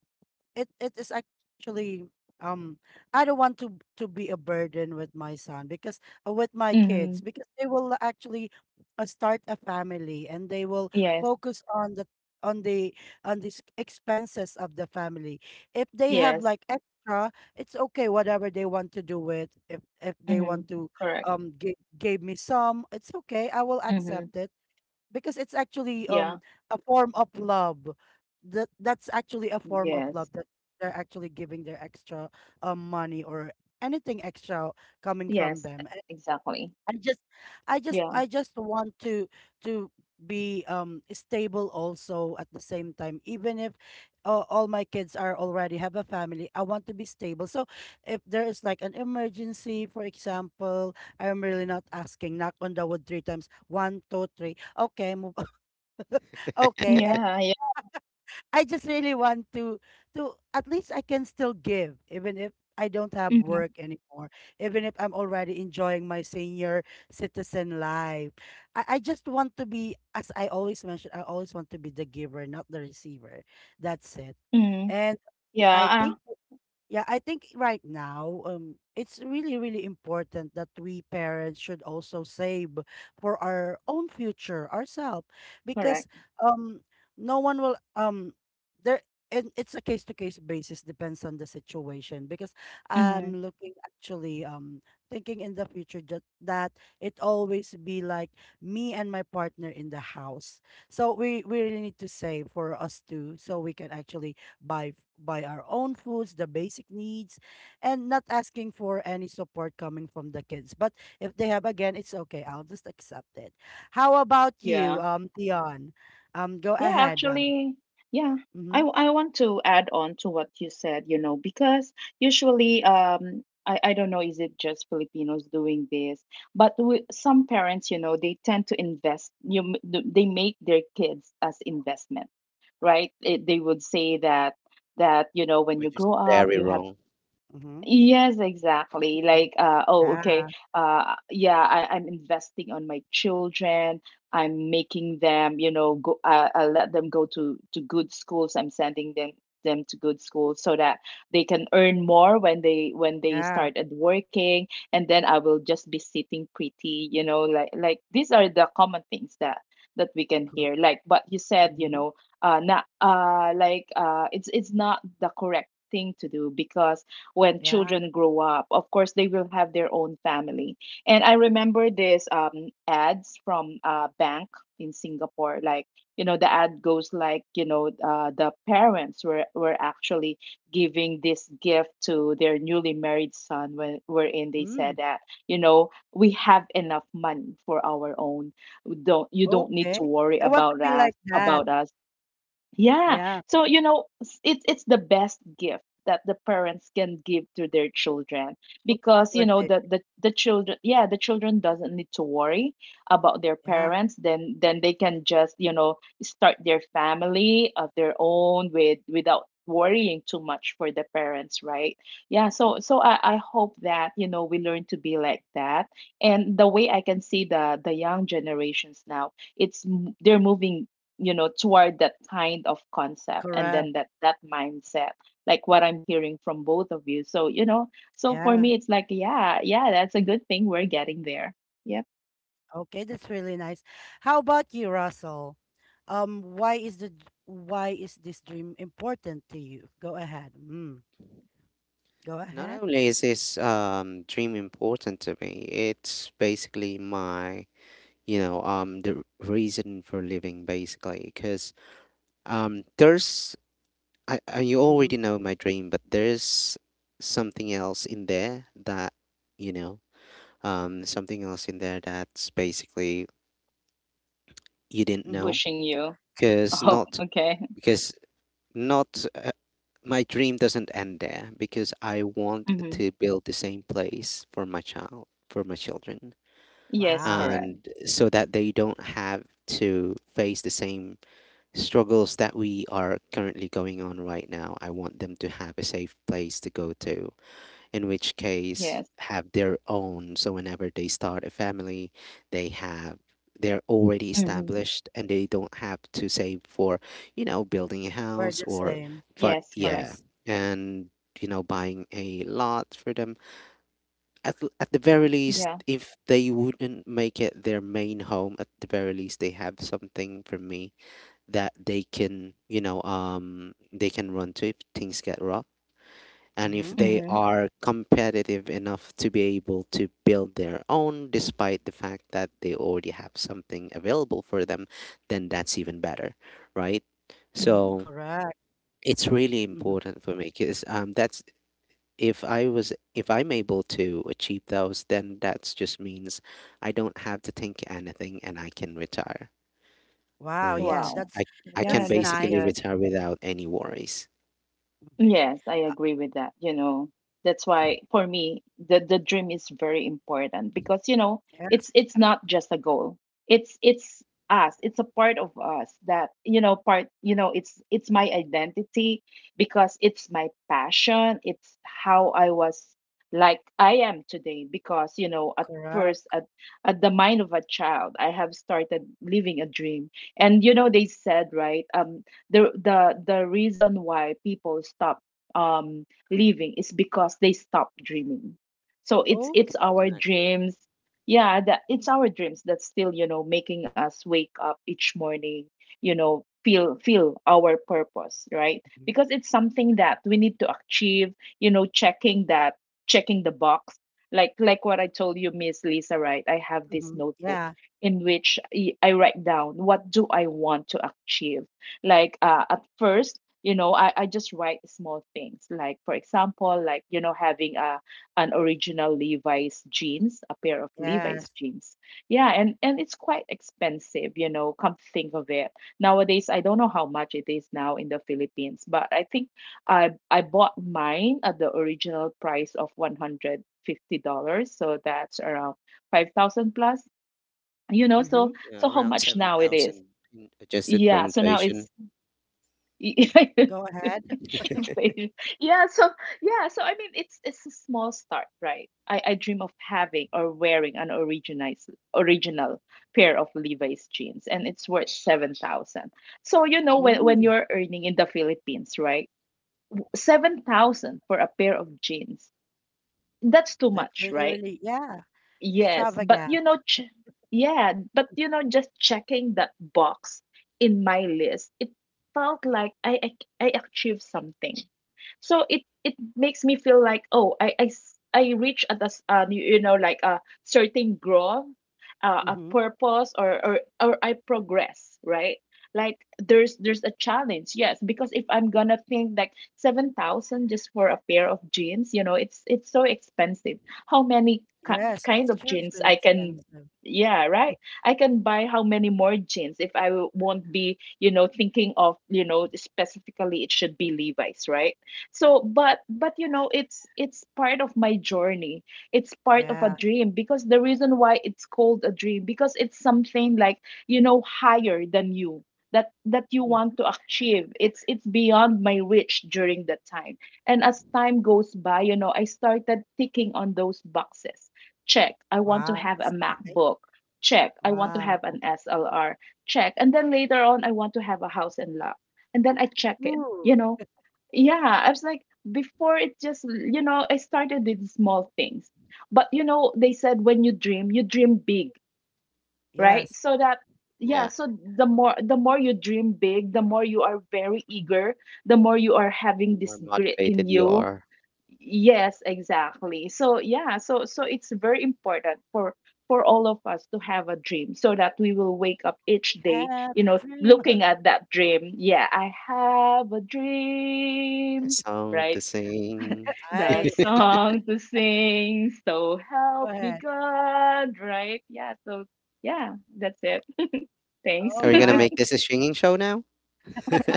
S1: it is actually um I don't want to be a burden with my son, because with my
S2: Mm-hmm.
S1: kids, because they will actually start a family and they will
S2: Yes.
S1: focus on on the the expenses of the family. If they have
S2: Yes.
S1: like extra, it's okay whatever they want to do with. If they want
S2: Mhm.
S1: to
S2: Correct.
S1: give me some, it's okay. I will
S2: Mhm.
S1: accept it because it's actually
S2: Yeah.
S1: a form of love, that that's actually a form of love
S2: Yes.
S1: that they're actually giving, their extra money or anything extra coming from
S2: Yes.
S1: them. And
S2: Exactly.
S1: i just i just
S2: Yeah.
S1: i just want to to be stable also at the same time, even if all my kids are already have a family. I want to be stable, so if there is like an emergency, for example, I'm really not asking. Knock on the wood three times, one two three, okay, move. Okay, and
S2: Yeah. Yeah.
S1: I just really want to at least I can still give, even if I don't have
S2: Mhm.
S1: work anymore, even if I'm already enjoying my senior citizen life. I just want to be, as I always mention, I always want to be the giver, not the receiver. That's it.
S2: Mhm.
S1: And
S2: Yeah.
S1: I
S2: ah,
S1: think, yeah, I think right now, it's really, really important that we parents should also save for our own future, ourselves, because
S2: correct.
S1: um, no one will there, and it's a case to case basis, depends on the situation. Because I'm
S2: Mhm.
S1: looking actually thinking in the future that that it always be like me and my partner in the house. So we really need to save for us too, so we can actually buy our own foods, the basic needs, and not asking for any support coming from the kids. But if they have again, it's okay. I'll just accept it. How about you,
S2: Yeah.
S1: Dion? Go
S2: Yeah,
S1: ahead.
S2: actually, yeah,
S1: Mhm.
S2: I want to add on to what you said, because usually, I don't know, is it just Filipinos doing this? But we, some parents, you know, they tend to invest, you, m- th- they make their kids as investment, right? They would say that you know when you
S3: Which is
S2: grow up
S3: very
S2: you have
S3: wrong.
S1: Mhm.
S2: Yes, exactly.
S1: Mm. Yeah,
S2: Yeah, I'm investing on my children. I'm making them, you know, go. I let them go to good schools. I'm sending them to good schools so that they can earn more when they
S1: yeah.
S2: started working. And then I will just be sitting pretty, you know, like these are the common things that we can
S1: Cor
S2: hear. Like what you said, you
S1: Mhm.
S2: know, not like it's not the correct thing to do because when
S1: Yeah.
S2: children grow up, of course they will have their own family. And I remember this ads from a bank in Singapore. Like, you know, the ad goes like, you know, the parents were actually giving this gift to their newly married son when wherein they said
S1: Mm,
S2: that, you know, we have enough money for our own. We don't You don't need
S1: okay.
S2: to worry
S1: I want to
S2: about
S1: be
S2: us,
S1: like that.
S2: yeah.
S1: Yeah,
S2: So, you know, it's the best gift that the parents can give to their children
S1: so
S2: because, you know,
S1: supportive.
S2: the children, yeah, the children doesn't need to worry about their
S1: Yeah,
S2: parents. Then they can just, you know, start their family of their own without worrying too much for the parents, right? Yeah. So I hope that, you know, we learn to be like that. And the way I can see the young generations now, they're moving, you know, toward that kind of concept, and
S1: correct.
S2: then that mindset, like what I'm hearing from both of you. So, you know, so for
S1: Yeah.
S2: me it's like, yeah, yeah, that's a good thing, we're getting there. Yep.
S1: Okay, that's really nice. How about you, Russell? Why is this dream important to you? Go ahead. Mm, go
S3: Not
S1: ahead.
S3: only is this dream important to me, it's basically my, you know, the reason for living, basically, because there's, you
S1: Mm-hmm.
S3: already know my dream, but there's something else in there that, you know, something else in there that's basically you didn't
S1: Mm-hmm.
S3: know,
S2: Pushing you.
S3: because
S2: Oh,
S3: not
S2: okay.
S3: because not my dream doesn't end there because I want
S2: Mm-hmm.
S3: to build the same place for my child, for my children,
S2: Yes,
S1: Wow.
S2: correct.
S3: and so that they don't have to face the same struggles that we are currently going on right now. I want them to have a safe place to go to, in which
S2: Yes.
S3: case have their own. So whenever they start a family, they have they're already
S2: Mm-hmm.
S3: established and they don't have to save for, you know, building a
S1: We're
S3: house,
S1: the
S3: or
S1: same.
S3: but
S2: Yes, correct.
S3: yeah,
S1: Yes.
S3: and you know, buying a lot for them. At the
S1: Mm-hmm.
S3: very
S2: Yeah.
S3: least, if they wouldn't make it their main home, at the very least they have something for me that they can, you know, they can run to if things get rough. And if
S1: Mm-hmm.
S3: they
S2: Mm-hmm.
S3: are competitive enough to be able to build their own despite the fact that they already have something available for them, then that's even better, right?
S2: Mm-hmm.
S3: So
S1: Correct.
S3: it's really
S1: Mm-hmm.
S3: important for me because, that's if I'm able to achieve those, then that just means I don't have to think anything and I can retire,
S1: Wow, yeah,
S3: right?
S2: Wow.
S1: that's
S3: I can
S2: Yeah,
S1: that's
S2: that's
S3: basically
S1: nice.
S2: good.
S3: retire without any worries.
S2: Yes, I
S1: Uh,
S2: agree with that. You know, that's why for me the dream is very important because, you know, it's
S1: yes.
S2: not just a goal. It's us. It's a part of us that, you know, it's my identity because it's my passion. It's how I was like I am today because, you know, at first,
S1: Correct.
S2: at the mind of a child, I have started living a dream. And you know they said, right, the reason why people stop um living is because they stop dreaming. So it's
S1: Okay.
S2: our dreams, yeah, that it's our dreams that's still, you know, making us wake up each morning, you know, feel our purpose, right?
S1: Mhm.
S2: Because it's something that we need to achieve, you know, checking the box, like what I told you, Miss Lisa, right? I have this
S1: Mhm.
S2: notebook
S1: Yeah.
S2: in which I write down what do I want to achieve. Like, at first, you know, I just write small things, like for example, like, you know, having a an original Levi's jeans, a pair of Levi's
S1: Yes.
S2: jeans. Yeah, and it's quite expensive, you know, come to think of it. Nowadays I don't know how much it is now in the Philippines, but I think I bought mine at the original price of $150, so that's around 5,000 plus, you know. So
S1: Mhm.
S3: Yeah,
S2: so how
S3: around
S2: much now it is.
S3: 7,000 adjusted for
S2: Yeah, so now it's
S3: inflation.
S2: yeah,
S1: Go ahead.
S2: inflation. Yeah, so yeah, so I mean it's a small start, right? I dream of having or wearing an originized original pair of Levi's jeans and it's worth 7,000. So you know when
S1: Ooh,
S2: you're earning in the Philippines, right? 7,000 for a pair of jeans. That's too
S1: that's
S2: much,
S1: really,
S2: right?
S1: really, yeah,
S2: Yes, but
S1: extravagant.
S2: you know, ch yeah, but you know, just checking that box in my list, it felt like I achieved something. So it makes me feel like, oh, I reach at this, you know, like a certain growth, a
S1: Mhm.
S2: purpose, or I progress, right? Like there's a challenge. Yes, because if I'm gonna think like 7,000 just for a pair of jeans, you know, it's so expensive. how many ki-
S1: Yes, that's
S2: Kind of
S1: true. It's
S2: jeans
S1: really
S2: I can,
S1: expensive.
S2: yeah, right, I can buy how many more jeans if I won't be, you know, thinking of, you know, specifically it should be Levi's, right? So but you know it's part of my journey. It's part of a
S1: Yeah.
S2: dream, because the reason why it's called a dream, because it's something like, you know, higher than you, that you
S1: Mhm.
S2: want to achieve. It's beyond my reach during that time. And as time goes by, you know, I started ticking on those boxes. Check, I want to
S1: Wow.
S2: have a
S1: That's nice.
S2: MacBook. Check, I want to have an
S1: Wow.
S2: SLR. Check. And then later on, I want to have a house and lot. And then I check it,
S1: Ooh,
S2: you know. Yeah, I was like, before it just, you know, I started with small things. But, you know, they said when you dream big, right?
S1: yes.
S2: So that, yeah,
S3: Yeah,
S2: so the more you dream big, the more you are very eager, the more you are
S3: the
S2: having
S3: more
S2: this grit in
S3: motivated you
S2: you.
S3: are.
S2: Yes, exactly. So yeah, so it's very important for all of us to have a dream so that we will wake up each day,
S1: Have
S2: you know,
S1: a dream.
S2: looking at that dream. Yeah, I have a
S3: A
S2: dream,
S3: song to
S2: right?
S3: sing.
S2: The
S1: I
S2: song to sing, so
S1: Go
S2: help me
S1: ahead.
S2: God, right? Yeah, so yeah, that's it. Thanks.
S3: Are
S1: All
S3: we gonna
S1: right.
S3: make this a singing show now?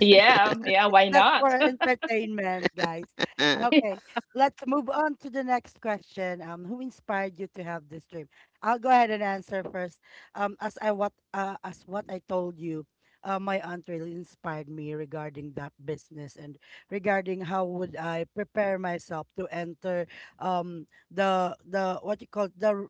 S2: Yeah, yeah, why
S1: That's for
S2: not?
S1: entertainment, guys.
S3: As
S1: Okay. Let's move on to the next question. Who inspired you to have this dream? I'll go ahead and answer first. As I what as what I told you, my aunt really inspired me regarding that business and regarding how would I prepare myself to enter um the what you call the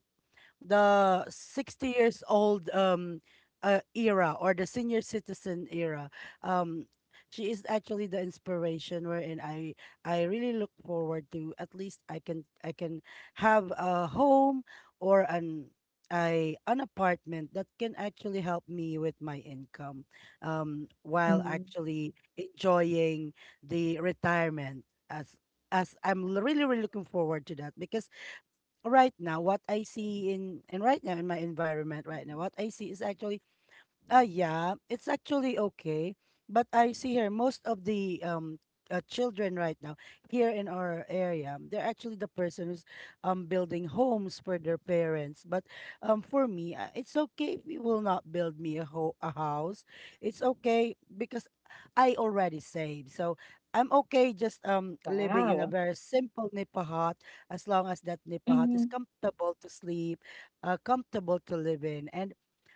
S1: the 60 years old era or the senior citizen era. um she is actually the inspiration wherein I really look forward to at least I can have a home or an apartment that can actually help me with my income, while
S2: Mhm.
S1: actually enjoying the retirement, as really really looking forward to that. Because right now in my environment, right now what I see is actually yeah, it's actually okay. But I see here most of the children right now here in our area, they're actually the person who's building homes for their parents. But for me, it's okay if you will not build me a house. It's okay because I already saved. So I'm okay just living in a
S2: Wow.
S1: very simple nipa hut, as long as that nipa hut
S2: hmm
S1: is comfortable to sleep, comfortable to live in, and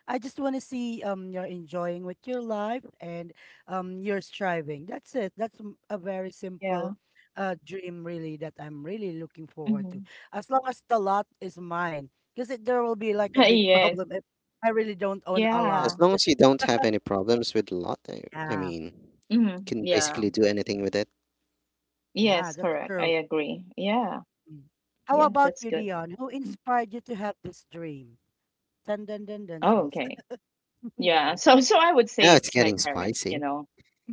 S1: I just want to see you're enjoying with your life, and you're striving. That's it. A very simple
S2: Yeah.
S1: dream really that I'm really looking forward to.
S2: hmm
S1: As long as the lot is mine, because there will be like a big
S2: Yes.
S1: problem if I really don't own a lot.
S2: Yeah.
S3: long as you don't have any problems with lot, I
S1: Yeah,
S3: mean,
S2: Mhm.
S3: can
S2: Yeah.
S3: basically do anything with it.
S1: yeah,
S2: Yes,
S1: that's
S2: correct. I
S1: true.
S2: agree. Yeah.
S1: Mm.
S2: Yeah, that's
S1: How
S2: good.
S1: about you, Dion? Who inspired you to have this dream? Dun dun dun
S2: Oh,
S1: dun,
S2: okay.
S1: Charles.
S2: Yeah. So
S1: Go.
S2: so I would say it's
S3: Yeah, it's
S2: my
S3: getting
S2: parents, you
S3: spicy.
S2: know.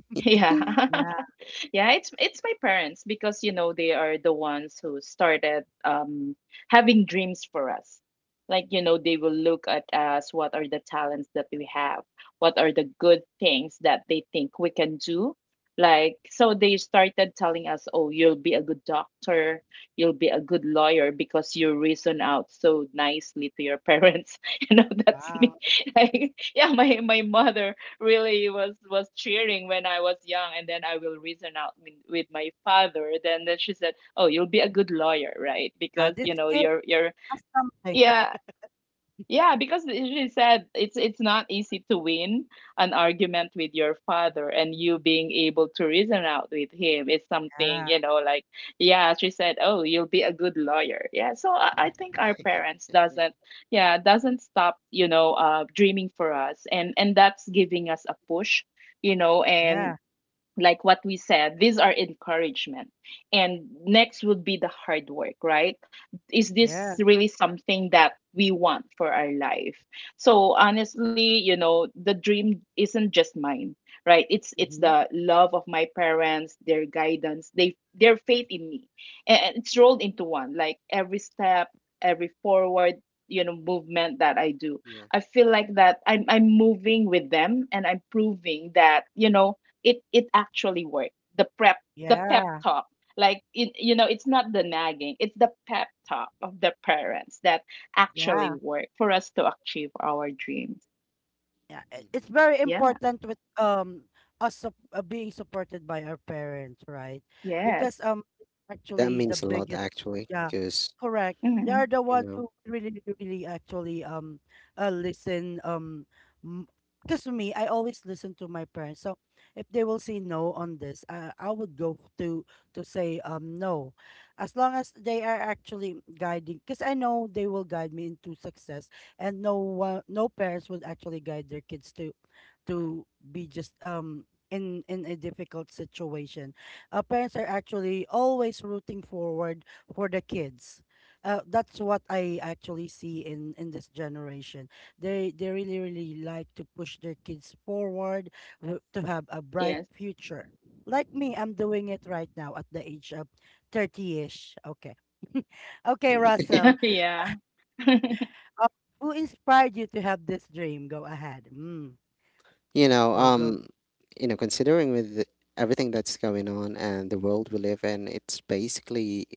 S2: Yeah.
S1: Yeah.
S2: Yeah, it's my parents because you know they are the ones who started having dreams for us. Like you know they will look at us, what are the talents that we have, what are the good things that they think we can do. Like, so they started telling us, "Oh, you'll be a good doctor, you'll be a good lawyer because you reason out so nicely to your parents." You know that's me.
S1: Wow.
S2: Like yeah, my mother really was cheering when I was young, and then I will reason out with my father. Then she said, "Oh, you'll be a good lawyer, right?
S1: Now
S2: Because
S1: this
S2: you know
S1: kid
S2: you're
S1: has something.
S2: yeah." Yeah, because she said it's not easy to win an argument with your father, and you being able to reason out with him is something,
S1: Yeah.
S2: you know, like yeah, she said, "Oh, you'll be a good lawyer." Yeah, so I think our parents
S3: Yeah.
S2: doesn't yeah, doesn't stop, you know, dreaming for us, and that's giving us a push, you know, and
S1: Yeah.
S2: like what we said, these are encouragement. And next would be the hard work, right? Is this
S1: Yeah.
S2: really something that we want for our life? So honestly, you know, the dream isn't just mine, right? It's
S1: Mm-hmm.
S2: the love of my parents, their guidance, they their faith in me. And it's rolled into one, like every step, every forward, you know, movement that I do,
S3: Yeah.
S2: I feel like that I'm moving with them and I'm proving that, you know, it actually worked. The pep
S1: Yeah,
S2: talk. Like it, you know, it's not the nagging, it's the pep talk of the parents that actually
S1: yeah,
S2: work for us to achieve our dreams.
S1: yeah. It's
S3: Hmm.
S1: very
S2: Yeah.
S1: important with us sup being supported by our parents, right? Because
S2: Yes.
S3: That
S1: actually the
S3: means a lot
S1: biggest,
S3: actually,
S1: yeah,
S3: because
S1: correct. They
S2: hmm
S1: are the
S3: you
S1: ones
S3: know,
S1: who really, really actually listen, m- because me, I always listen to my parents. So if they will say no on this, I would go to say no, as long as they are actually guiding. Because I know they will guide me into success, and no one, no parents would actually guide their kids to to be just in a difficult situation. Parents are actually always rooting forward for the kids. That's what I actually see in this generation. They really really like to push their kids forward, to have a bright
S2: Yes.
S1: future. Like me, I'm doing it right now at the age of 30ish. Okay. Okay, Russell,
S2: yeah.
S1: uh, who inspired you to have this dream? Go ahead. Mm.
S3: you know,
S1: Go, go.
S3: um, you know, considering with everything that's going on and the world we live in, it's basically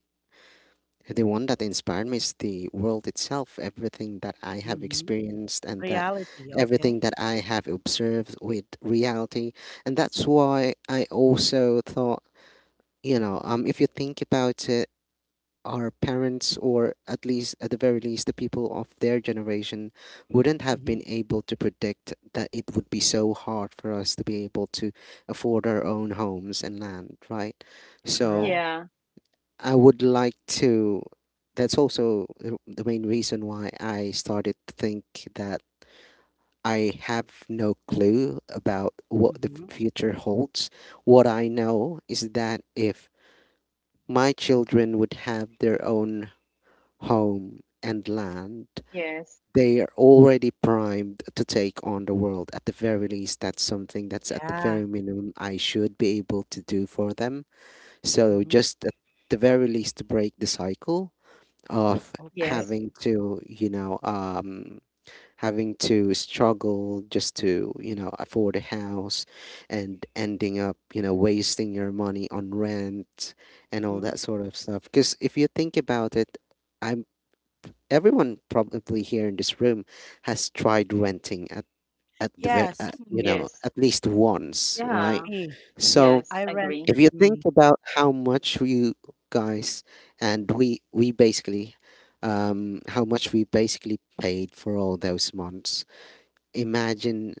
S3: the one that inspired me is the world itself, everything that I have
S1: Mm-hmm.
S3: experienced and that
S1: Reality.
S3: everything
S1: Okay.
S3: that I have observed with reality. And that's why I also thought, you know, if you think about it, our parents, or at least at the very least, the people of their generation, wouldn't have been
S1: Mm-hmm.
S3: able to predict that it would be so hard for us to be able to afford our own homes and land, right? So,
S1: Correct.
S2: yeah.
S3: I would like to. That's also the main reason why I started to think that I have no clue about what the
S1: Mm-hmm.
S3: future holds. What I know is that if my children would have their own home and land,
S2: Yes.
S3: they are already primed to take on the world. At the very least, that's something that's at the very
S1: Yeah.
S3: minimum I should be able to do for them. So,
S1: Mm-hmm.
S3: just at the very least, to break the cycle of
S2: Yes.
S1: Okay.
S3: having to, you know, having to struggle just to, you know, afford a house and ending up, you know, wasting your money on rent and all
S1: Mm-hmm.
S3: that sort of stuff. Because if you think about it, I'm everyone probably here in this room has tried renting at at
S1: Yes.
S2: Mhm.
S3: you know,
S2: Yes.
S3: at least once,
S2: Yeah.
S3: right?
S1: Me.
S3: So
S2: Yes.
S1: I
S2: Agree.
S1: rented,
S3: if you think
S1: me.
S3: about how much you guys and we basically, how much we basically paid for all those months, imagine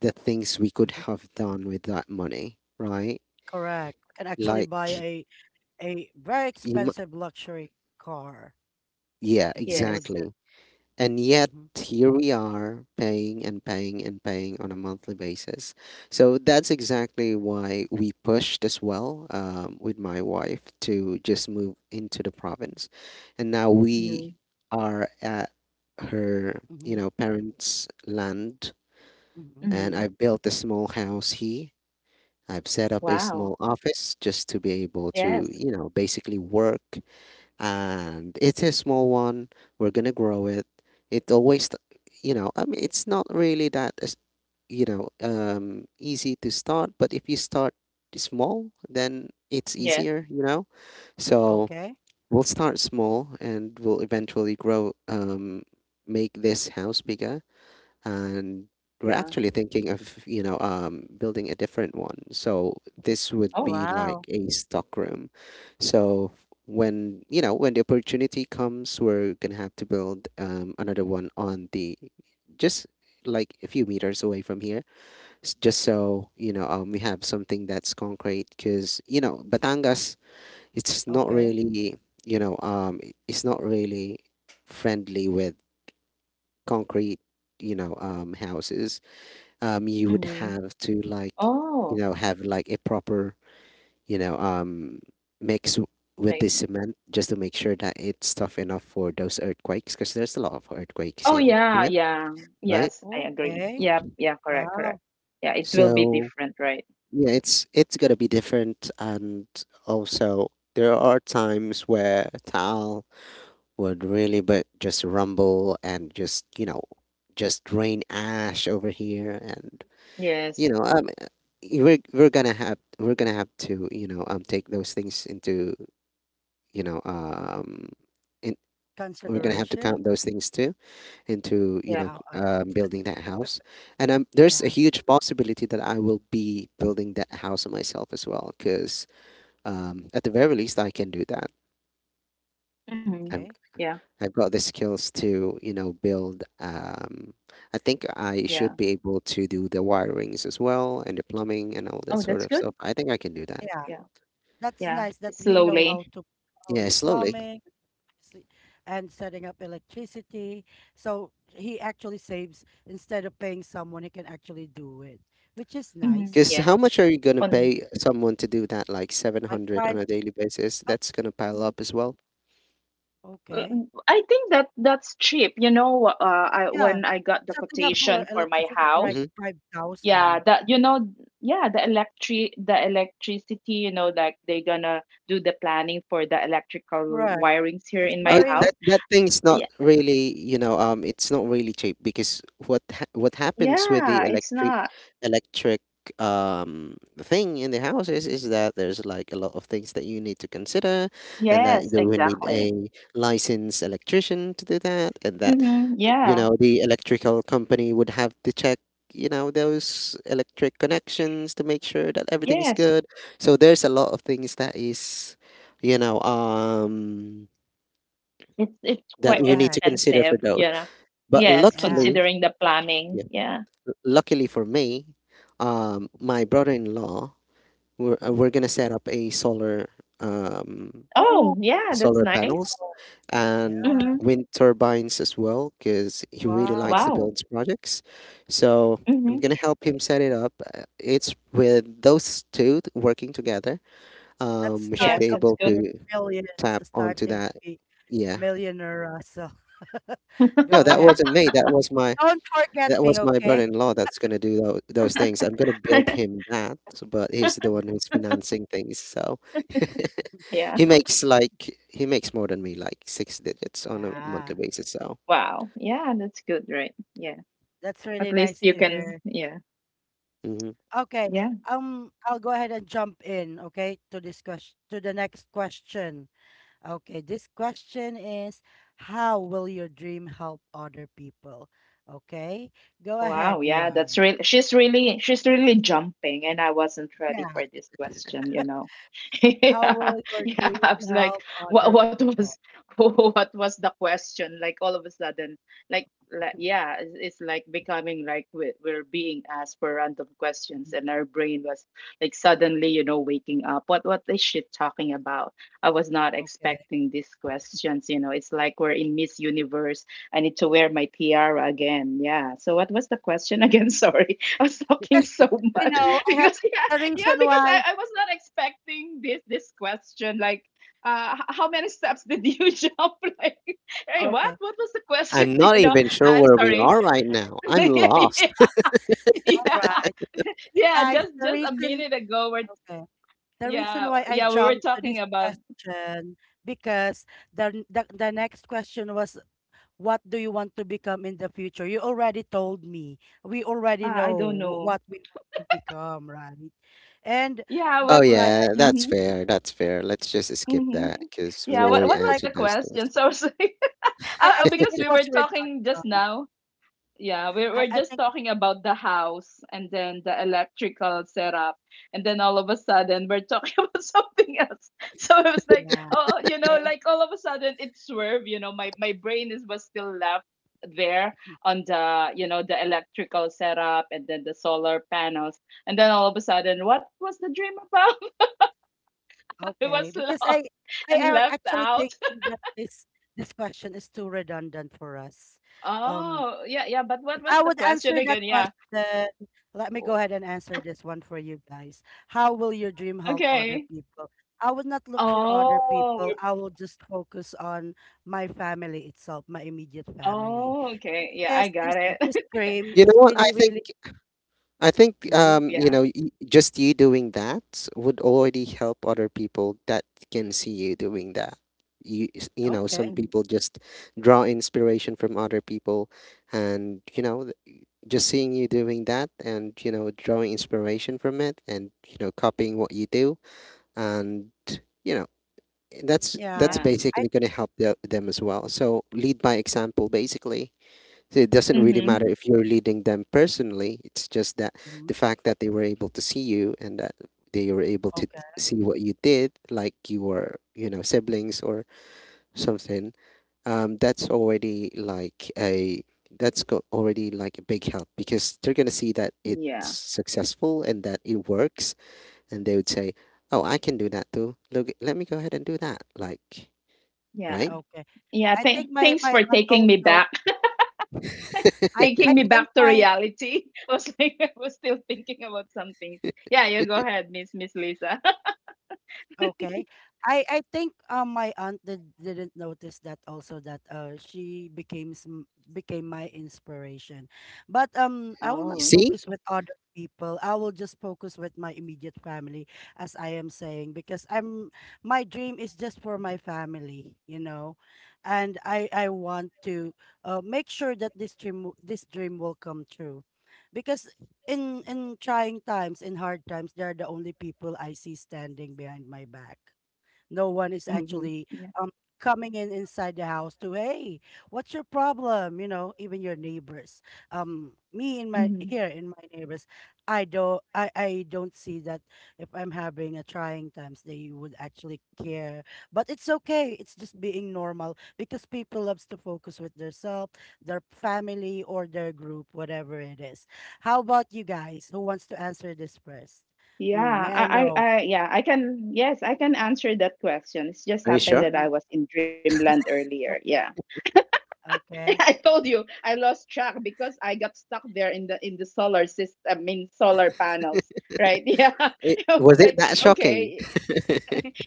S3: the things we could
S1: Hmm.
S3: have done with that money, right?
S1: Correct. I can actually
S3: Like
S1: buy a very
S3: you, mu-
S1: expensive luxury car
S3: yeah,
S1: if we
S2: Yes.
S1: would just.
S3: exactly. And yet,
S1: Mm-hmm.
S3: here we are paying and paying and paying on a monthly basis. So that's exactly why we pushed as well, with my wife, to just move into the province. And now
S2: hmm
S3: we are at her, you
S1: Mm-hmm.
S3: know, parents' land.
S1: Mm-hmm.
S3: And
S2: hmm
S3: I built a small house here. I've set up a
S1: Mm-hmm.
S2: Wow.
S3: small office just to be able to,
S2: Yes.
S3: you know, basically work, and it's a small one. We're gonna grow it. It always, you know, I mean, it's not really that, you know, easy to start. But if you start small, then it's
S2: Yes.
S3: easier, you know. So
S1: Okay.
S3: we'll start small, and we'll eventually grow, make this house bigger, and we're
S2: Yeah.
S3: actually thinking of, you know, building a different one, so this would
S2: Oh.
S3: be like
S1: Wow.
S3: a stock room. So when, you know, when the opportunity comes, we're gonna have to build, another one on the just like a few meters away from here, just so you know, we have something that's concrete, because you know, Batangas, it's not
S1: Okay.
S3: really, you know, it's not really friendly with concrete, you know, houses. You would
S2: hmm
S3: have to like,
S2: Oh.
S3: you know, have like a proper, you know, mix, with
S2: Thank
S3: the cement, just to make sure that it's tough enough for those earthquakes, because there's a lot of earthquakes
S2: Oh yeah,
S3: here,
S2: yeah.
S3: right?
S2: Yes, I agree.
S1: Okay.
S2: Yep, yeah, correct, correct.
S1: Wow.
S2: Yeah, it will be
S3: So
S2: different, right?
S3: yeah, it's gonna be different. And also there are times where Tal would really but just rumble and just, you know, just rain ash over here, and you
S2: Yes,
S3: know, we're we're gonna have to, you know, take those things into, you know, in, we're gonna
S2: yes.
S3: have to count
S1: Consideration.
S3: those things too into, you know,
S2: Yep.
S1: Wow. I thought.
S3: building that house. And there's a
S1: Yeah.
S3: huge possibility that I will be building that house myself as well, because at the very least I can do that.
S2: hmm
S3: I've
S1: Okay.
S2: Yeah,
S3: I've got the skills to, you know, build, I think I should
S2: yeah.
S3: be able to do the wirings as well and the plumbing and all that
S2: Oh,
S3: sort
S2: that's
S3: of
S2: good.
S3: stuff, I think I can do that.
S1: Yeah,
S2: Yeah,
S1: that's
S2: yeah.
S1: nice that he know how
S2: Slowly.
S1: to, how
S3: Yeah,
S1: is
S3: slowly.
S1: plumbing electrici- and setting up electricity. So he actually saves instead of paying someone, he can actually do it, which is
S2: Hmm
S1: nice.
S3: Because
S2: Yes.
S3: how much are you gonna
S2: On
S3: pay someone to do that? Like
S1: Like
S3: 700 on
S1: five,
S3: a daily basis?
S1: oh,
S3: That's gonna pile
S1: mm,
S3: up as well.
S2: uh,
S1: okay.
S2: I think that's cheap. You know, I
S1: Yeah,
S2: when I got the
S1: setting up for
S2: quotation for my
S1: electricity is like
S2: house,
S3: hmm
S2: yeah,
S1: 5,000.
S2: yeah, the electric the electricity, you know, like they're gonna do the planning for the electrical
S1: Correct.
S2: wirings here
S1: It's
S2: in my
S3: Oh,
S1: very,
S2: house.
S3: that that thing's not really, it's not really cheap because what happens with the
S2: Yeah, it's
S3: electric
S2: not.
S3: electric um thing in the houses is that there's like a lot of things that you need to consider, and that
S2: Yes,
S3: you will need a
S2: exactly.
S3: licensed electrician to do that, and that
S2: Mm-hmm.
S3: you
S2: Yeah.
S3: know the electrical company would have to check you know those electric connections to make sure that
S1: mhm.
S3: everything's
S2: Yes.
S3: good. So there's a lot of things that is you know um
S2: It's
S3: that
S2: quite
S1: Go
S3: you need
S1: ahead.
S3: to consider for
S2: expensive, you
S3: those.
S2: know.
S3: But
S2: Yes,
S1: Yeah.
S3: luckily,
S2: considering the planning.
S3: yeah,
S2: Yeah.
S3: luckily for me, my brother-in-law,
S1: Mhm.
S3: we're gonna set up a solar, um
S2: Oh,
S1: Oh,
S2: yeah, that's
S3: solar
S2: nice.
S3: panels
S1: yeah.
S3: and
S2: Mm-hmm.
S3: wind turbines as well, because he really likes to
S1: Wow.
S2: Wow.
S3: build projects. So I'm
S2: Mm-hmm.
S3: gonna help him set it up. It's with working together.
S1: That
S3: We should
S1: start
S2: Yes,
S3: be
S1: of
S2: that's
S3: able
S2: good.
S1: the
S3: to
S1: millions
S3: tap
S1: is
S3: onto
S1: starting to
S3: that.
S1: be,
S3: Yeah.
S1: millionaire Russell. Go
S3: No, that
S1: ahead.
S3: wasn't me. That was my,
S1: Don't forget
S3: that
S1: me,
S3: was my
S1: okay?
S3: brother-in-law that's gonna do those things. I'm gonna build him that, but he's the one
S1: Mm,
S3: who's financing things. So
S2: Yeah.
S3: he makes like, he makes more than me, like six digits on a
S1: yeah,
S3: monthly basis. So
S2: Wow. Yeah, that's good, right? Yeah.
S1: that's
S2: At
S1: really
S2: least
S1: nice
S2: you
S1: to
S2: can,
S1: hear.
S2: yeah.
S3: Mhm.
S1: Okay,
S2: Yeah.
S1: I'll go ahead and jump in, okay, to this question, to the next question. Okay, this question is, how will your dream help other people? Okay, go ahead,
S2: Wow, yeah, that's
S1: Dion.
S2: really she's really jumping and I wasn't ready
S1: Yeah,
S2: for this question, you know.
S1: how
S2: Yeah,
S1: will your
S2: yeah, I
S1: dream
S2: was like
S1: help other
S2: what was
S1: people?
S2: what was the question? Like all of a sudden, like yeah, it's like becoming like we're being asked for random questions
S1: Mhm.
S2: and our brain was like suddenly, you know, waking up. What is she talking about? I was not
S1: Okay,
S2: expecting these questions, you know. It's like we're in Miss Universe. I need to wear my tiara again. Yeah. So what was the question again? Sorry. I was talking
S1: because,
S2: so
S1: you
S2: much
S1: know, I have
S2: because yeah,
S1: the
S2: yeah,
S1: reason
S2: because
S1: why.
S2: I was not expecting this question. Like how many steps did you jump? Like hey, what?
S1: Okay.
S2: What was the question?
S3: I'm not
S2: You know,
S3: even sure
S2: I'm
S3: where we
S2: sorry.
S3: are right now. I'm
S2: yeah,
S3: lost.
S2: yeah.
S1: All
S2: Yeah,
S1: right.
S2: yeah.
S1: Guys,
S2: just
S1: the
S2: just a
S1: reason,
S2: minute ago we're
S1: okay, the reason
S2: yeah,
S1: why I
S2: yeah, we were
S1: jumped to this
S2: talking about
S1: question because the, n- the next question was, what do you want to become in the future? You already told me. We already
S2: I
S1: know
S2: don't know.
S1: what we want to become, right? And
S2: Yeah,
S3: Oh,
S1: that's why
S3: yeah,
S1: I,
S3: that's
S2: mhm.
S3: fair. That's fair. Let's just skip
S2: Mhm.
S3: that because we've
S1: it's
S2: Yeah,
S1: just
S2: what
S3: already
S1: to,
S2: what was
S1: like,
S2: the
S3: answered those things.
S2: question? So sorry.
S1: I think
S2: Because
S1: it
S2: we
S1: was
S2: were
S1: with
S2: talking just
S1: Atom.
S2: now. Yeah, we
S1: I,
S2: were
S1: I
S2: just
S1: think it,
S2: talking about the house and then the electrical setup. And then all of a sudden, we're talking about something else. So it was like,
S1: yeah,
S2: oh, you know,
S1: okay.
S2: like all of a sudden it swerved. You know, my brain is was still left there on the, you know, the electrical setup and then the solar panels. And then all of a sudden, what was the dream about? It was
S1: Okay. Because I
S2: lost
S1: I
S2: and
S1: I
S2: left
S1: actually think
S2: out.
S1: that this question is too redundant for us. Um
S2: Oh, yeah, yeah. But what
S1: If
S2: was
S1: I
S2: the
S1: would
S2: question
S1: answer that
S2: again? Yeah.
S1: question, let me go ahead and answer this one for you guys. How will your dream help other
S2: Okay.
S1: people? I would not look for other
S2: Oh,
S1: people.
S2: we
S1: I will just focus on my family itself, my immediate family,
S2: oh, okay. Yeah, I
S1: because this
S2: got it.
S1: this dream
S3: You
S1: is
S3: know what? I
S1: really,
S3: think
S1: really,
S3: I think
S1: mhm,
S3: um, you
S2: Yeah.
S3: know, just you doing that would already help other people that can see you doing that. You know,
S1: okay.
S3: some
S2: Mhm.
S3: people just draw inspiration from other people, and you know, just seeing you doing that, and you know, drawing
S1: Mm.
S3: inspiration from it, and you know, copying what you do, and you know, that's
S1: Yeah,
S3: that's
S2: Yeah.
S1: I
S3: basically going to help the, them as well. So lead by example basically. So it doesn't really matter
S2: Mhm.
S3: if you're leading them personally. It's just that the
S1: mhm.
S3: fact that they were able to see you, and that they were able to
S1: Okay,
S3: see what you did, like you were, you know, siblings or something. That's already like a, already like a big help, because they're gonna see that
S2: Yeah.
S3: it's successful and that it works, and they would say, "Oh, I can do that too. Look, let me go ahead and do that." Like,
S2: Yeah.
S3: right?
S1: okay.
S2: Yeah,
S1: I think my
S2: thanks
S1: my
S2: for
S1: aunt
S2: taking me
S1: also.
S2: back.
S1: I
S2: Taking me
S1: think
S2: back to
S1: my,
S2: reality. I was like I was still thinking about something. Yeah, you go ahead, Miss Lisa.
S1: okay. I think my aunt didn't notice that also that she became my inspiration. But I will
S3: You
S1: not
S2: Oh.
S3: see?
S1: focus with other people. I will just focus with my immediate family, as I am saying, because I'm, my dream is just for my family, you know. And I want to make sure that this dream will come true. Because in trying times, in hard times, they're the only people I see standing behind my back. No one is
S2: Mhm.
S1: actually
S2: Yeah.
S1: um coming in inside the house to, hey, what's your problem, you know, even your neighbors, me in my
S2: Mhm.
S1: here in my neighbors, I I don't see that if I'm having a trying times they would actually care. But it's okay, it's just being normal, because people loves to focus with their self, their family, or their group, whatever it is. How about you guys? Who wants to answer this first? Mm,
S2: Yeah,
S1: may I know.
S2: yeah, I can, yes, I can answer that question. It's just
S3: Are you
S2: happened that
S3: sure?
S2: I
S1: Mhm.
S2: was in dreamland earlier. Yeah.
S1: Okay,
S2: I
S1: okay,
S2: told you I lost track because I got stuck there in the solar system, I mean solar panels, right? Yeah. I
S3: It,
S2: was
S3: was it
S2: like,
S3: that
S1: okay.
S3: shocking?
S2: okay,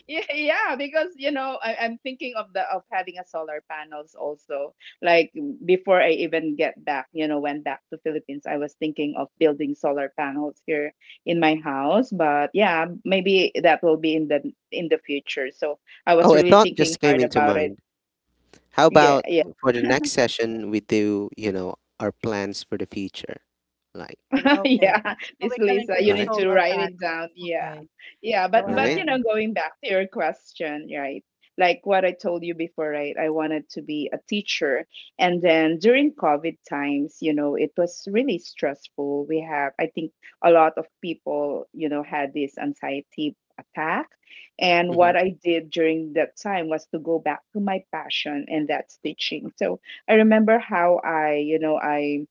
S2: yeah, yeah, because you know, I'm thinking of the of having a solar panels also. Like before I even get back, you know, went back to Philippines, I was thinking of building solar panels here in my house. But yeah, maybe that will be in the future. So I was
S3: Oh, a
S2: really
S3: thought
S2: thinking
S3: just came
S2: hard
S3: into
S2: about it.
S3: mind. How
S2: Yeah,
S3: about
S2: yeah.
S3: for the next session we do, you know, our plans for the future, like,
S1: But okay.
S2: Yeah,
S1: So
S2: Miss
S1: we can
S2: Lisa,
S1: include
S2: you
S1: the
S3: right,
S2: need to
S1: solar
S2: write
S1: panel.
S2: it down. Yeah.
S1: Okay.
S2: Yeah, but
S1: Go
S2: but
S3: right?
S2: you know,
S1: ahead.
S2: going back to your question, right? Like what I told you before, right? I wanted to be a teacher. And then during COVID times, you know, it was really stressful. We have, I think a lot of people, you know, had this anxiety attack. And
S3: Mm-hmm.
S2: what I did during that time was to go back to my passion, and that's teaching. So I remember how I, you know, I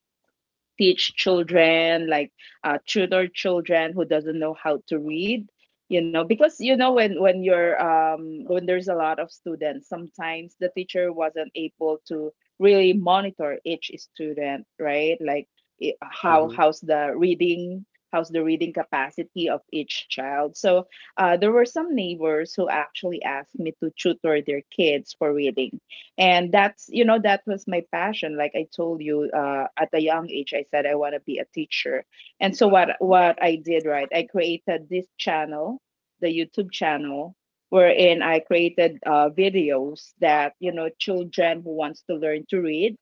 S2: teach children like tutor children who doesn't know how to read, you know, because you know when you're when there's a lot of students, sometimes the teacher wasn't able to really monitor each student, right? Like how
S3: Mm-hmm.
S2: how's the reading, how's the reading capacity of each child. So there were some neighbors who actually asked me to tutor their kids for reading, and that's, you know, that was my passion. Like I told you, at a young age I said I want to be a teacher. And so what
S1: Okay.
S2: I did, right, I created this channel, the YouTube channel, wherein I created videos that, you know, children who wants to learn to read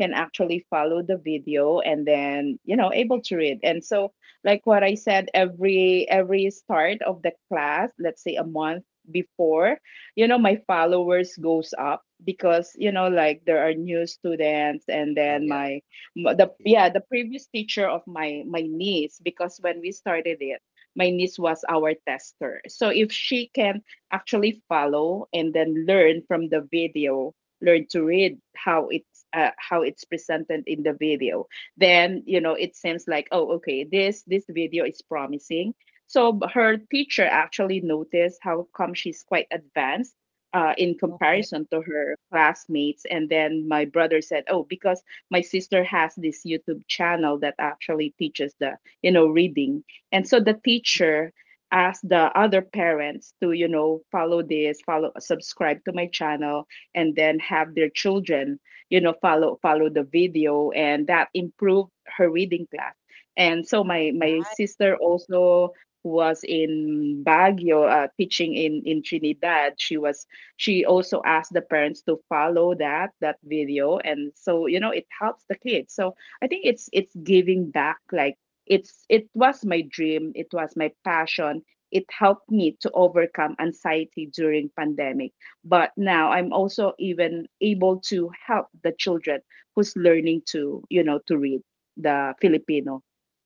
S2: can actually follow the video and then, you know, able to read. And so like what I said, every start of the class, let's say a month before, you know, my followers goes up, because you know, like, there are new students. And
S3: Oh
S2: then
S3: yeah.
S2: my the yeah, the previous teacher of my niece, because when we started it, my niece was our tester. So if she can actually follow and then learn from the video, learn to read, how it's presented in the video, then, you know, it seems like, oh, okay, this video is promising. So her teacher actually noticed how come she's quite advanced in
S1: Okay.
S2: comparison to her classmates. And then my brother said, "Oh, because my sister has this YouTube channel that actually teaches the you know reading." And so the teacher asked the other parents to, you know, follow this, follow subscribe to my channel, and then have their children, you know, follow the video, and that improved her reading class. And so my sister also, who was in Baguio teaching in Trinidad, she was she also asked the parents to follow that video. And so you know it helps the kids. So I think it's giving back. Like it's it was my dream, it was my passion. It helped me to overcome anxiety during pandemic, but now I'm also even able to help the children who's learning to, you know, to read the Filipino,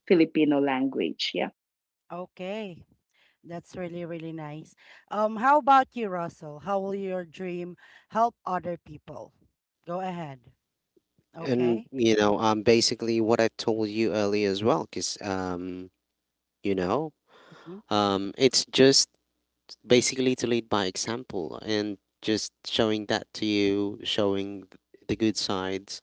S2: Filipino language. Yeah.
S1: Okay. That's really, really nice. How about you, Russell? How will your dream help other people? Go ahead.
S3: And
S1: Okay.
S3: you know, basically what I've told you earlier as well, because you know,
S1: Mm-hmm.
S3: it's just basically to lead by example and just showing that to you, showing the good sides,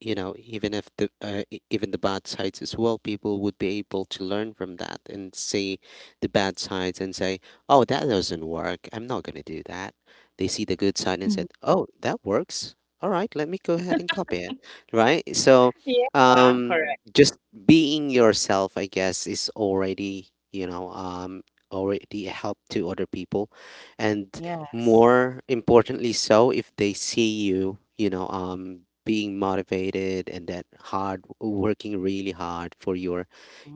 S3: you know, even if the even the bad sides as well, people would be able to learn from that and see the bad sides and say, "Oh, that doesn't work, I'm not going to do that." They see the good side and said, "Oh, that works, all right, let me go ahead and copy it," right? So
S2: Yeah,
S3: um
S2: correct.
S3: just being yourself, I guess, is already, you know, already a help to other people. And
S1: Yes.
S3: more importantly, so if they see you, you know, being motivated and that hard working, really hard for your,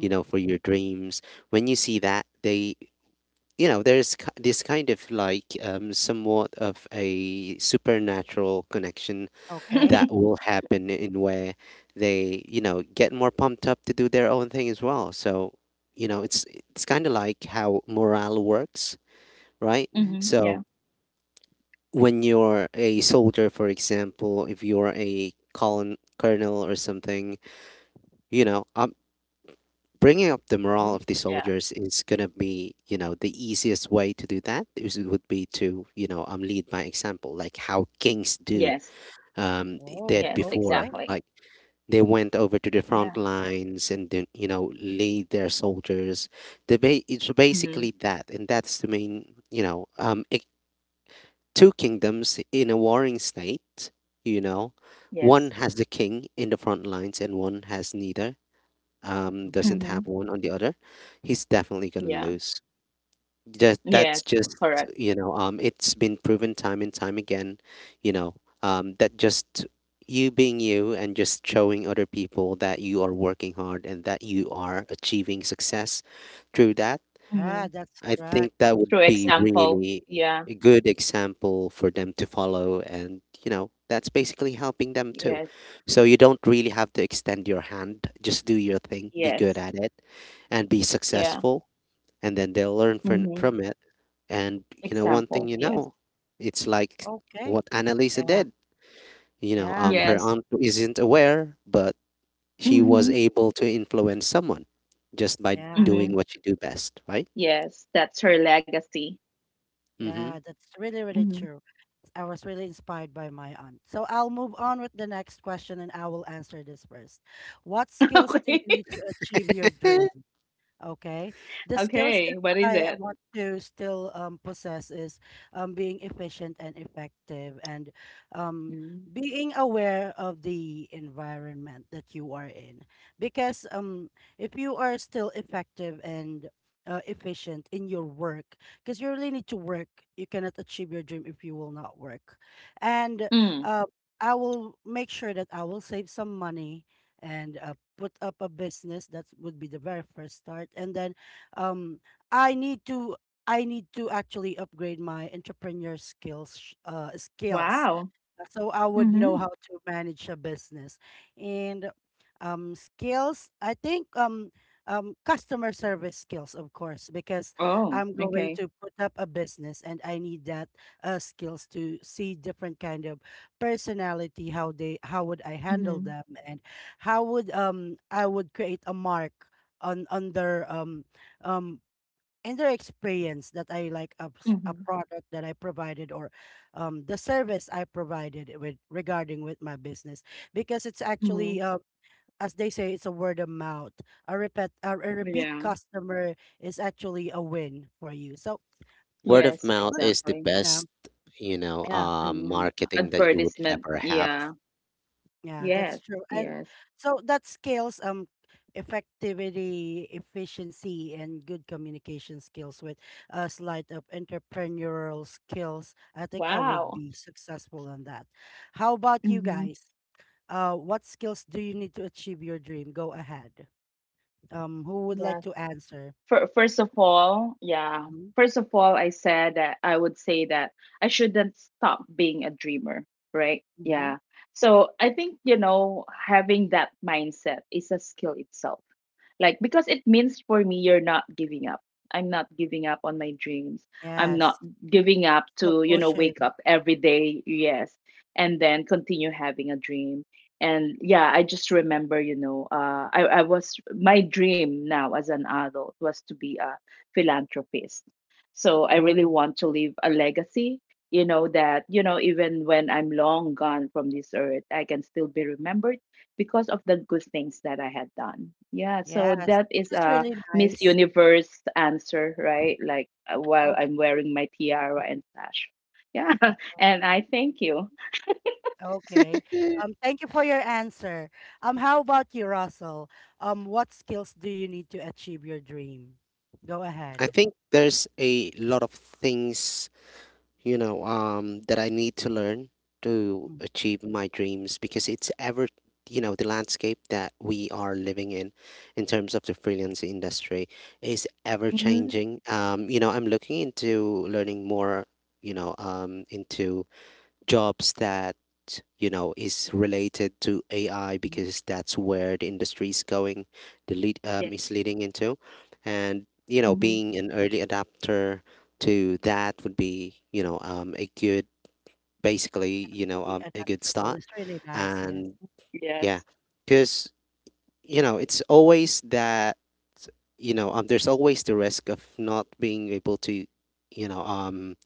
S3: you know, for your dreams, when you see that they, you know, there's this kind of like, somewhat of a supernatural connection
S1: Okay.
S3: that will happen in where they, you know, get more pumped up to do their own thing as well. So you know, it's kind of like how morale works, right?
S1: Mm-hmm.
S2: Hmm Yeah,
S3: So when you're a soldier, for example, if you're a colonel or something, you know, bringing up the morale
S1: Mm-hmm.
S3: of the
S2: yeah,
S3: soldiers is gonna be, you know, the easiest way to do that is it would be to, you know, lead by example, like how kings do,
S2: yes,
S3: um,
S1: Whoa.
S3: did
S2: yes,
S3: before,
S1: Okay.
S2: exactly.
S3: like. They went over to the
S2: Yeah,
S3: front lines and then, you know, lead their soldiers. It's
S2: hmm
S3: basically that, and that's the main, you know, two kingdoms in a warring state, you know. One
S2: yes,
S3: has the king in the front lines and one has neither, doesn't
S1: Mm-hmm.
S3: have
S2: hmm
S3: one on the other. He's definitely going to
S2: yeah,
S3: lose. Just, that's
S2: yes,
S3: just,
S2: correct.
S3: you know, it's been proven time and time again, you know, that just you being you and just showing other people that you are working hard and that you are achieving success through that,
S2: Hmm
S1: Yeah, that's
S3: I think
S1: correct.
S3: that
S2: Through
S3: would
S1: I
S3: be
S1: totally
S2: example,
S1: agree.
S3: really
S2: yeah,
S3: a good example for them to follow. And, you know, that's basically helping them too.
S2: yes,
S3: So you don't really have to extend your hand. Just do your thing, be good
S2: yes,
S3: at it, and be
S2: yeah,
S3: successful. And then they'll learn
S2: hmm
S3: from it. And, you know, one thing
S2: example,
S3: you
S2: yes,
S3: know, it's like
S1: Okay.
S3: what Annalisa
S1: Yeah.
S3: did. You know,
S1: Yeah.
S3: her
S2: yes,
S3: aunt isn't aware, but she was
S2: hmm
S3: able to influence someone just by
S1: Yeah.
S2: hmm
S3: doing what she do best, right?
S2: yes, that's her legacy.
S3: Mm-hmm.
S1: Yeah. That's really, really
S2: Hmm
S1: true. I was really inspired by my aunt. So I'll move on with the next question and I will answer this first. What skills do you
S2: Okay,
S1: need to achieve your dream? Okay. The skills that
S2: okay, what is
S1: I
S2: it?
S1: want to still possess is being efficient and effective and um,
S2: Mm.
S1: being aware of the environment that you are in. Because if you are still effective and efficient in your work, because you really need to work, you cannot achieve your dream if you will not work. And
S2: Mm.
S1: uh, I will make sure that I will save some money and, put up a business that would be the very first start, and then um i need to I need to actually upgrade my entrepreneur skills, skills,
S2: Wow.
S1: so I would know
S2: hmm
S1: how to manage a business. And skills, I think, customer service skills, of course, because
S2: Oh,
S1: I'm going
S2: okay.
S1: to put up a business and I need that skills to see different kind of personality, how they, how would I handle
S2: hmm
S1: them, and how would I would create a mark on their um, and their experience that I like a, a
S2: hmm
S1: product that I provided or the service I provided with regarding with my business, because it's
S2: hmm
S1: actually, as they say, it's a word of mouth. A repeat, a repeat
S2: Yeah.
S1: customer is actually a win for you. So um,
S3: Word of
S2: Yes,
S3: mouth
S1: good,
S3: is the
S2: exactly.
S1: yeah,
S3: best, you know,
S1: yeah.
S2: Mhm.
S3: marketing that you would
S2: Advertisement.
S3: ever have.
S2: Yeah.
S1: Yeah,
S2: Yes.
S1: that's true. And
S2: Yes.
S1: so that scales, effectivity, efficiency, and good communication skills with a slight of entrepreneurial skills. I think I would
S2: Wow.
S1: be successful on that. How about you
S2: Mm-hmm.
S1: guys? What skills do you need to achieve your dream? Go ahead. Who would like
S2: Yes.
S1: to answer?
S2: For first of all, yeah.
S1: Mm-hmm.
S2: First of all, I said that I would say that I shouldn't stop being a dreamer, right?
S1: Mm-hmm.
S2: Yeah. So I think, you know, having that mindset is a skill itself. Like, because it means for me you're not giving up. I'm not giving up on my dreams. I'm not
S1: Yes,
S2: giving up
S1: self
S2: to, you know,
S1: pushing.
S2: wake up every day, yes, and then continue having a dream. And yeah, I just remember, you know, I was my dream now as an adult was to be a philanthropist. So I really
S1: Oh,
S2: want to leave a legacy, you know, that, you know, even when I'm long gone from this earth, I can still be remembered because of the good things that I had done. Yeah, so
S1: yes,
S2: that is
S1: it's
S2: a
S1: really
S2: Miss
S1: nice.
S2: Universe answer, right? Like while I'm wearing my tiara and sash. Yeah, and I thank you.
S1: Okay. Thank you for your answer. How about you, Russell? What skills do you need to achieve your dream? Go
S3: I
S1: ahead.
S3: think there's a lot of things, you know, that I need to learn to
S1: Mm,
S3: achieve my dreams because it's ever, you know, the landscape that we are living in terms of the freelance industry, is ever
S2: Mhm.
S3: changing. You know, I'm looking into learning more, you know, into jobs that you know is related to AI,
S1: mhm.
S3: because that's where the industry is going, the lead is
S2: Yes.
S3: leading into, and you know,
S2: hmm
S3: being an early adapter to that would be, you know,
S1: Being
S3: a good
S1: adaptable
S3: start,
S1: is really nice, yes.
S3: and yeah,
S2: Yes.
S3: because you know, it's always that, you know, there's always the risk of not being able to, you know,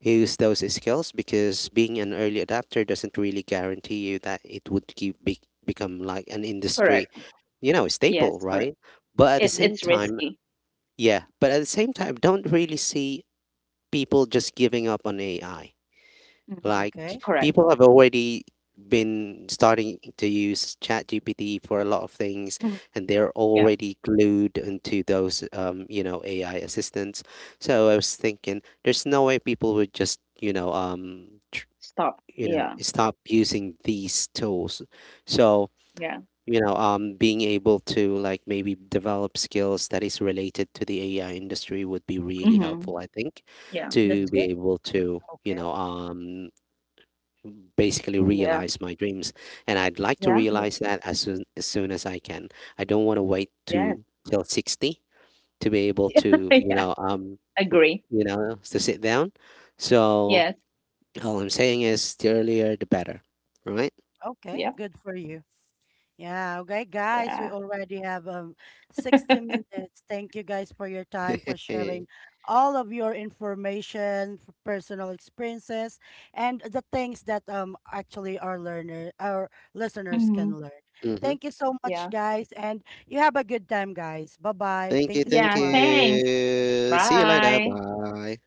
S3: use those skills, because being an early adapter doesn't really guarantee you that it would become like an industry,
S2: Correct.
S3: you know, staple,
S2: Yes. Correct.
S3: right? But at the
S2: It's
S1: Mhm.
S3: same time,
S2: risky.
S3: yeah, but at the same time, don't really see people just giving up on AI.
S2: Hmm
S3: Like,
S1: Okay.
S2: Correct.
S3: people have already been starting to use ChatGPT for a lot of things,
S2: Mhm.
S3: and they're
S2: Yeah.
S3: already glued into those, you know, AI assistants. So I was thinking, there's no way people would just, you know,
S2: Stop.
S3: you know,
S2: Yeah.
S3: stop using these tools. So
S2: Yeah.
S3: you know, being able to like maybe develop skills that is related to the AI industry would be really
S2: hmm
S3: helpful, I think,
S2: Yeah. That's
S3: to be
S1: Mhm.
S2: good.
S3: able to, you
S1: Okay.
S3: know, basically
S2: Yeah.
S3: realize my dreams. And I'd like to
S2: Yeah. That's,
S3: realize that as soon as, soon as I can. I don't want to wait
S2: yes.
S3: to till 60 to be able to,
S2: Yeah. Agree.
S3: you know, to sit down. So
S2: Yes.
S3: all I'm saying is the earlier the better, right?
S2: Yeah.
S1: Okay. Good for you. Yeah, okay, guys,
S2: Yeah.
S1: we already have 60 minutes. Thank you guys for your time, for
S3: Eh,
S1: sharing all of your information, personal experiences, and the things that actually our learner our listeners can
S2: hmm
S1: learn.
S3: mhm.
S1: Thank you so much,
S2: Yeah.
S1: guys, and you have a good time, guys. Bye-bye.
S3: Thank you,
S1: Thank you so
S3: thank
S2: Yeah,
S1: much.
S2: thanks.
S3: you. See you later.
S2: Bye.
S3: Bye.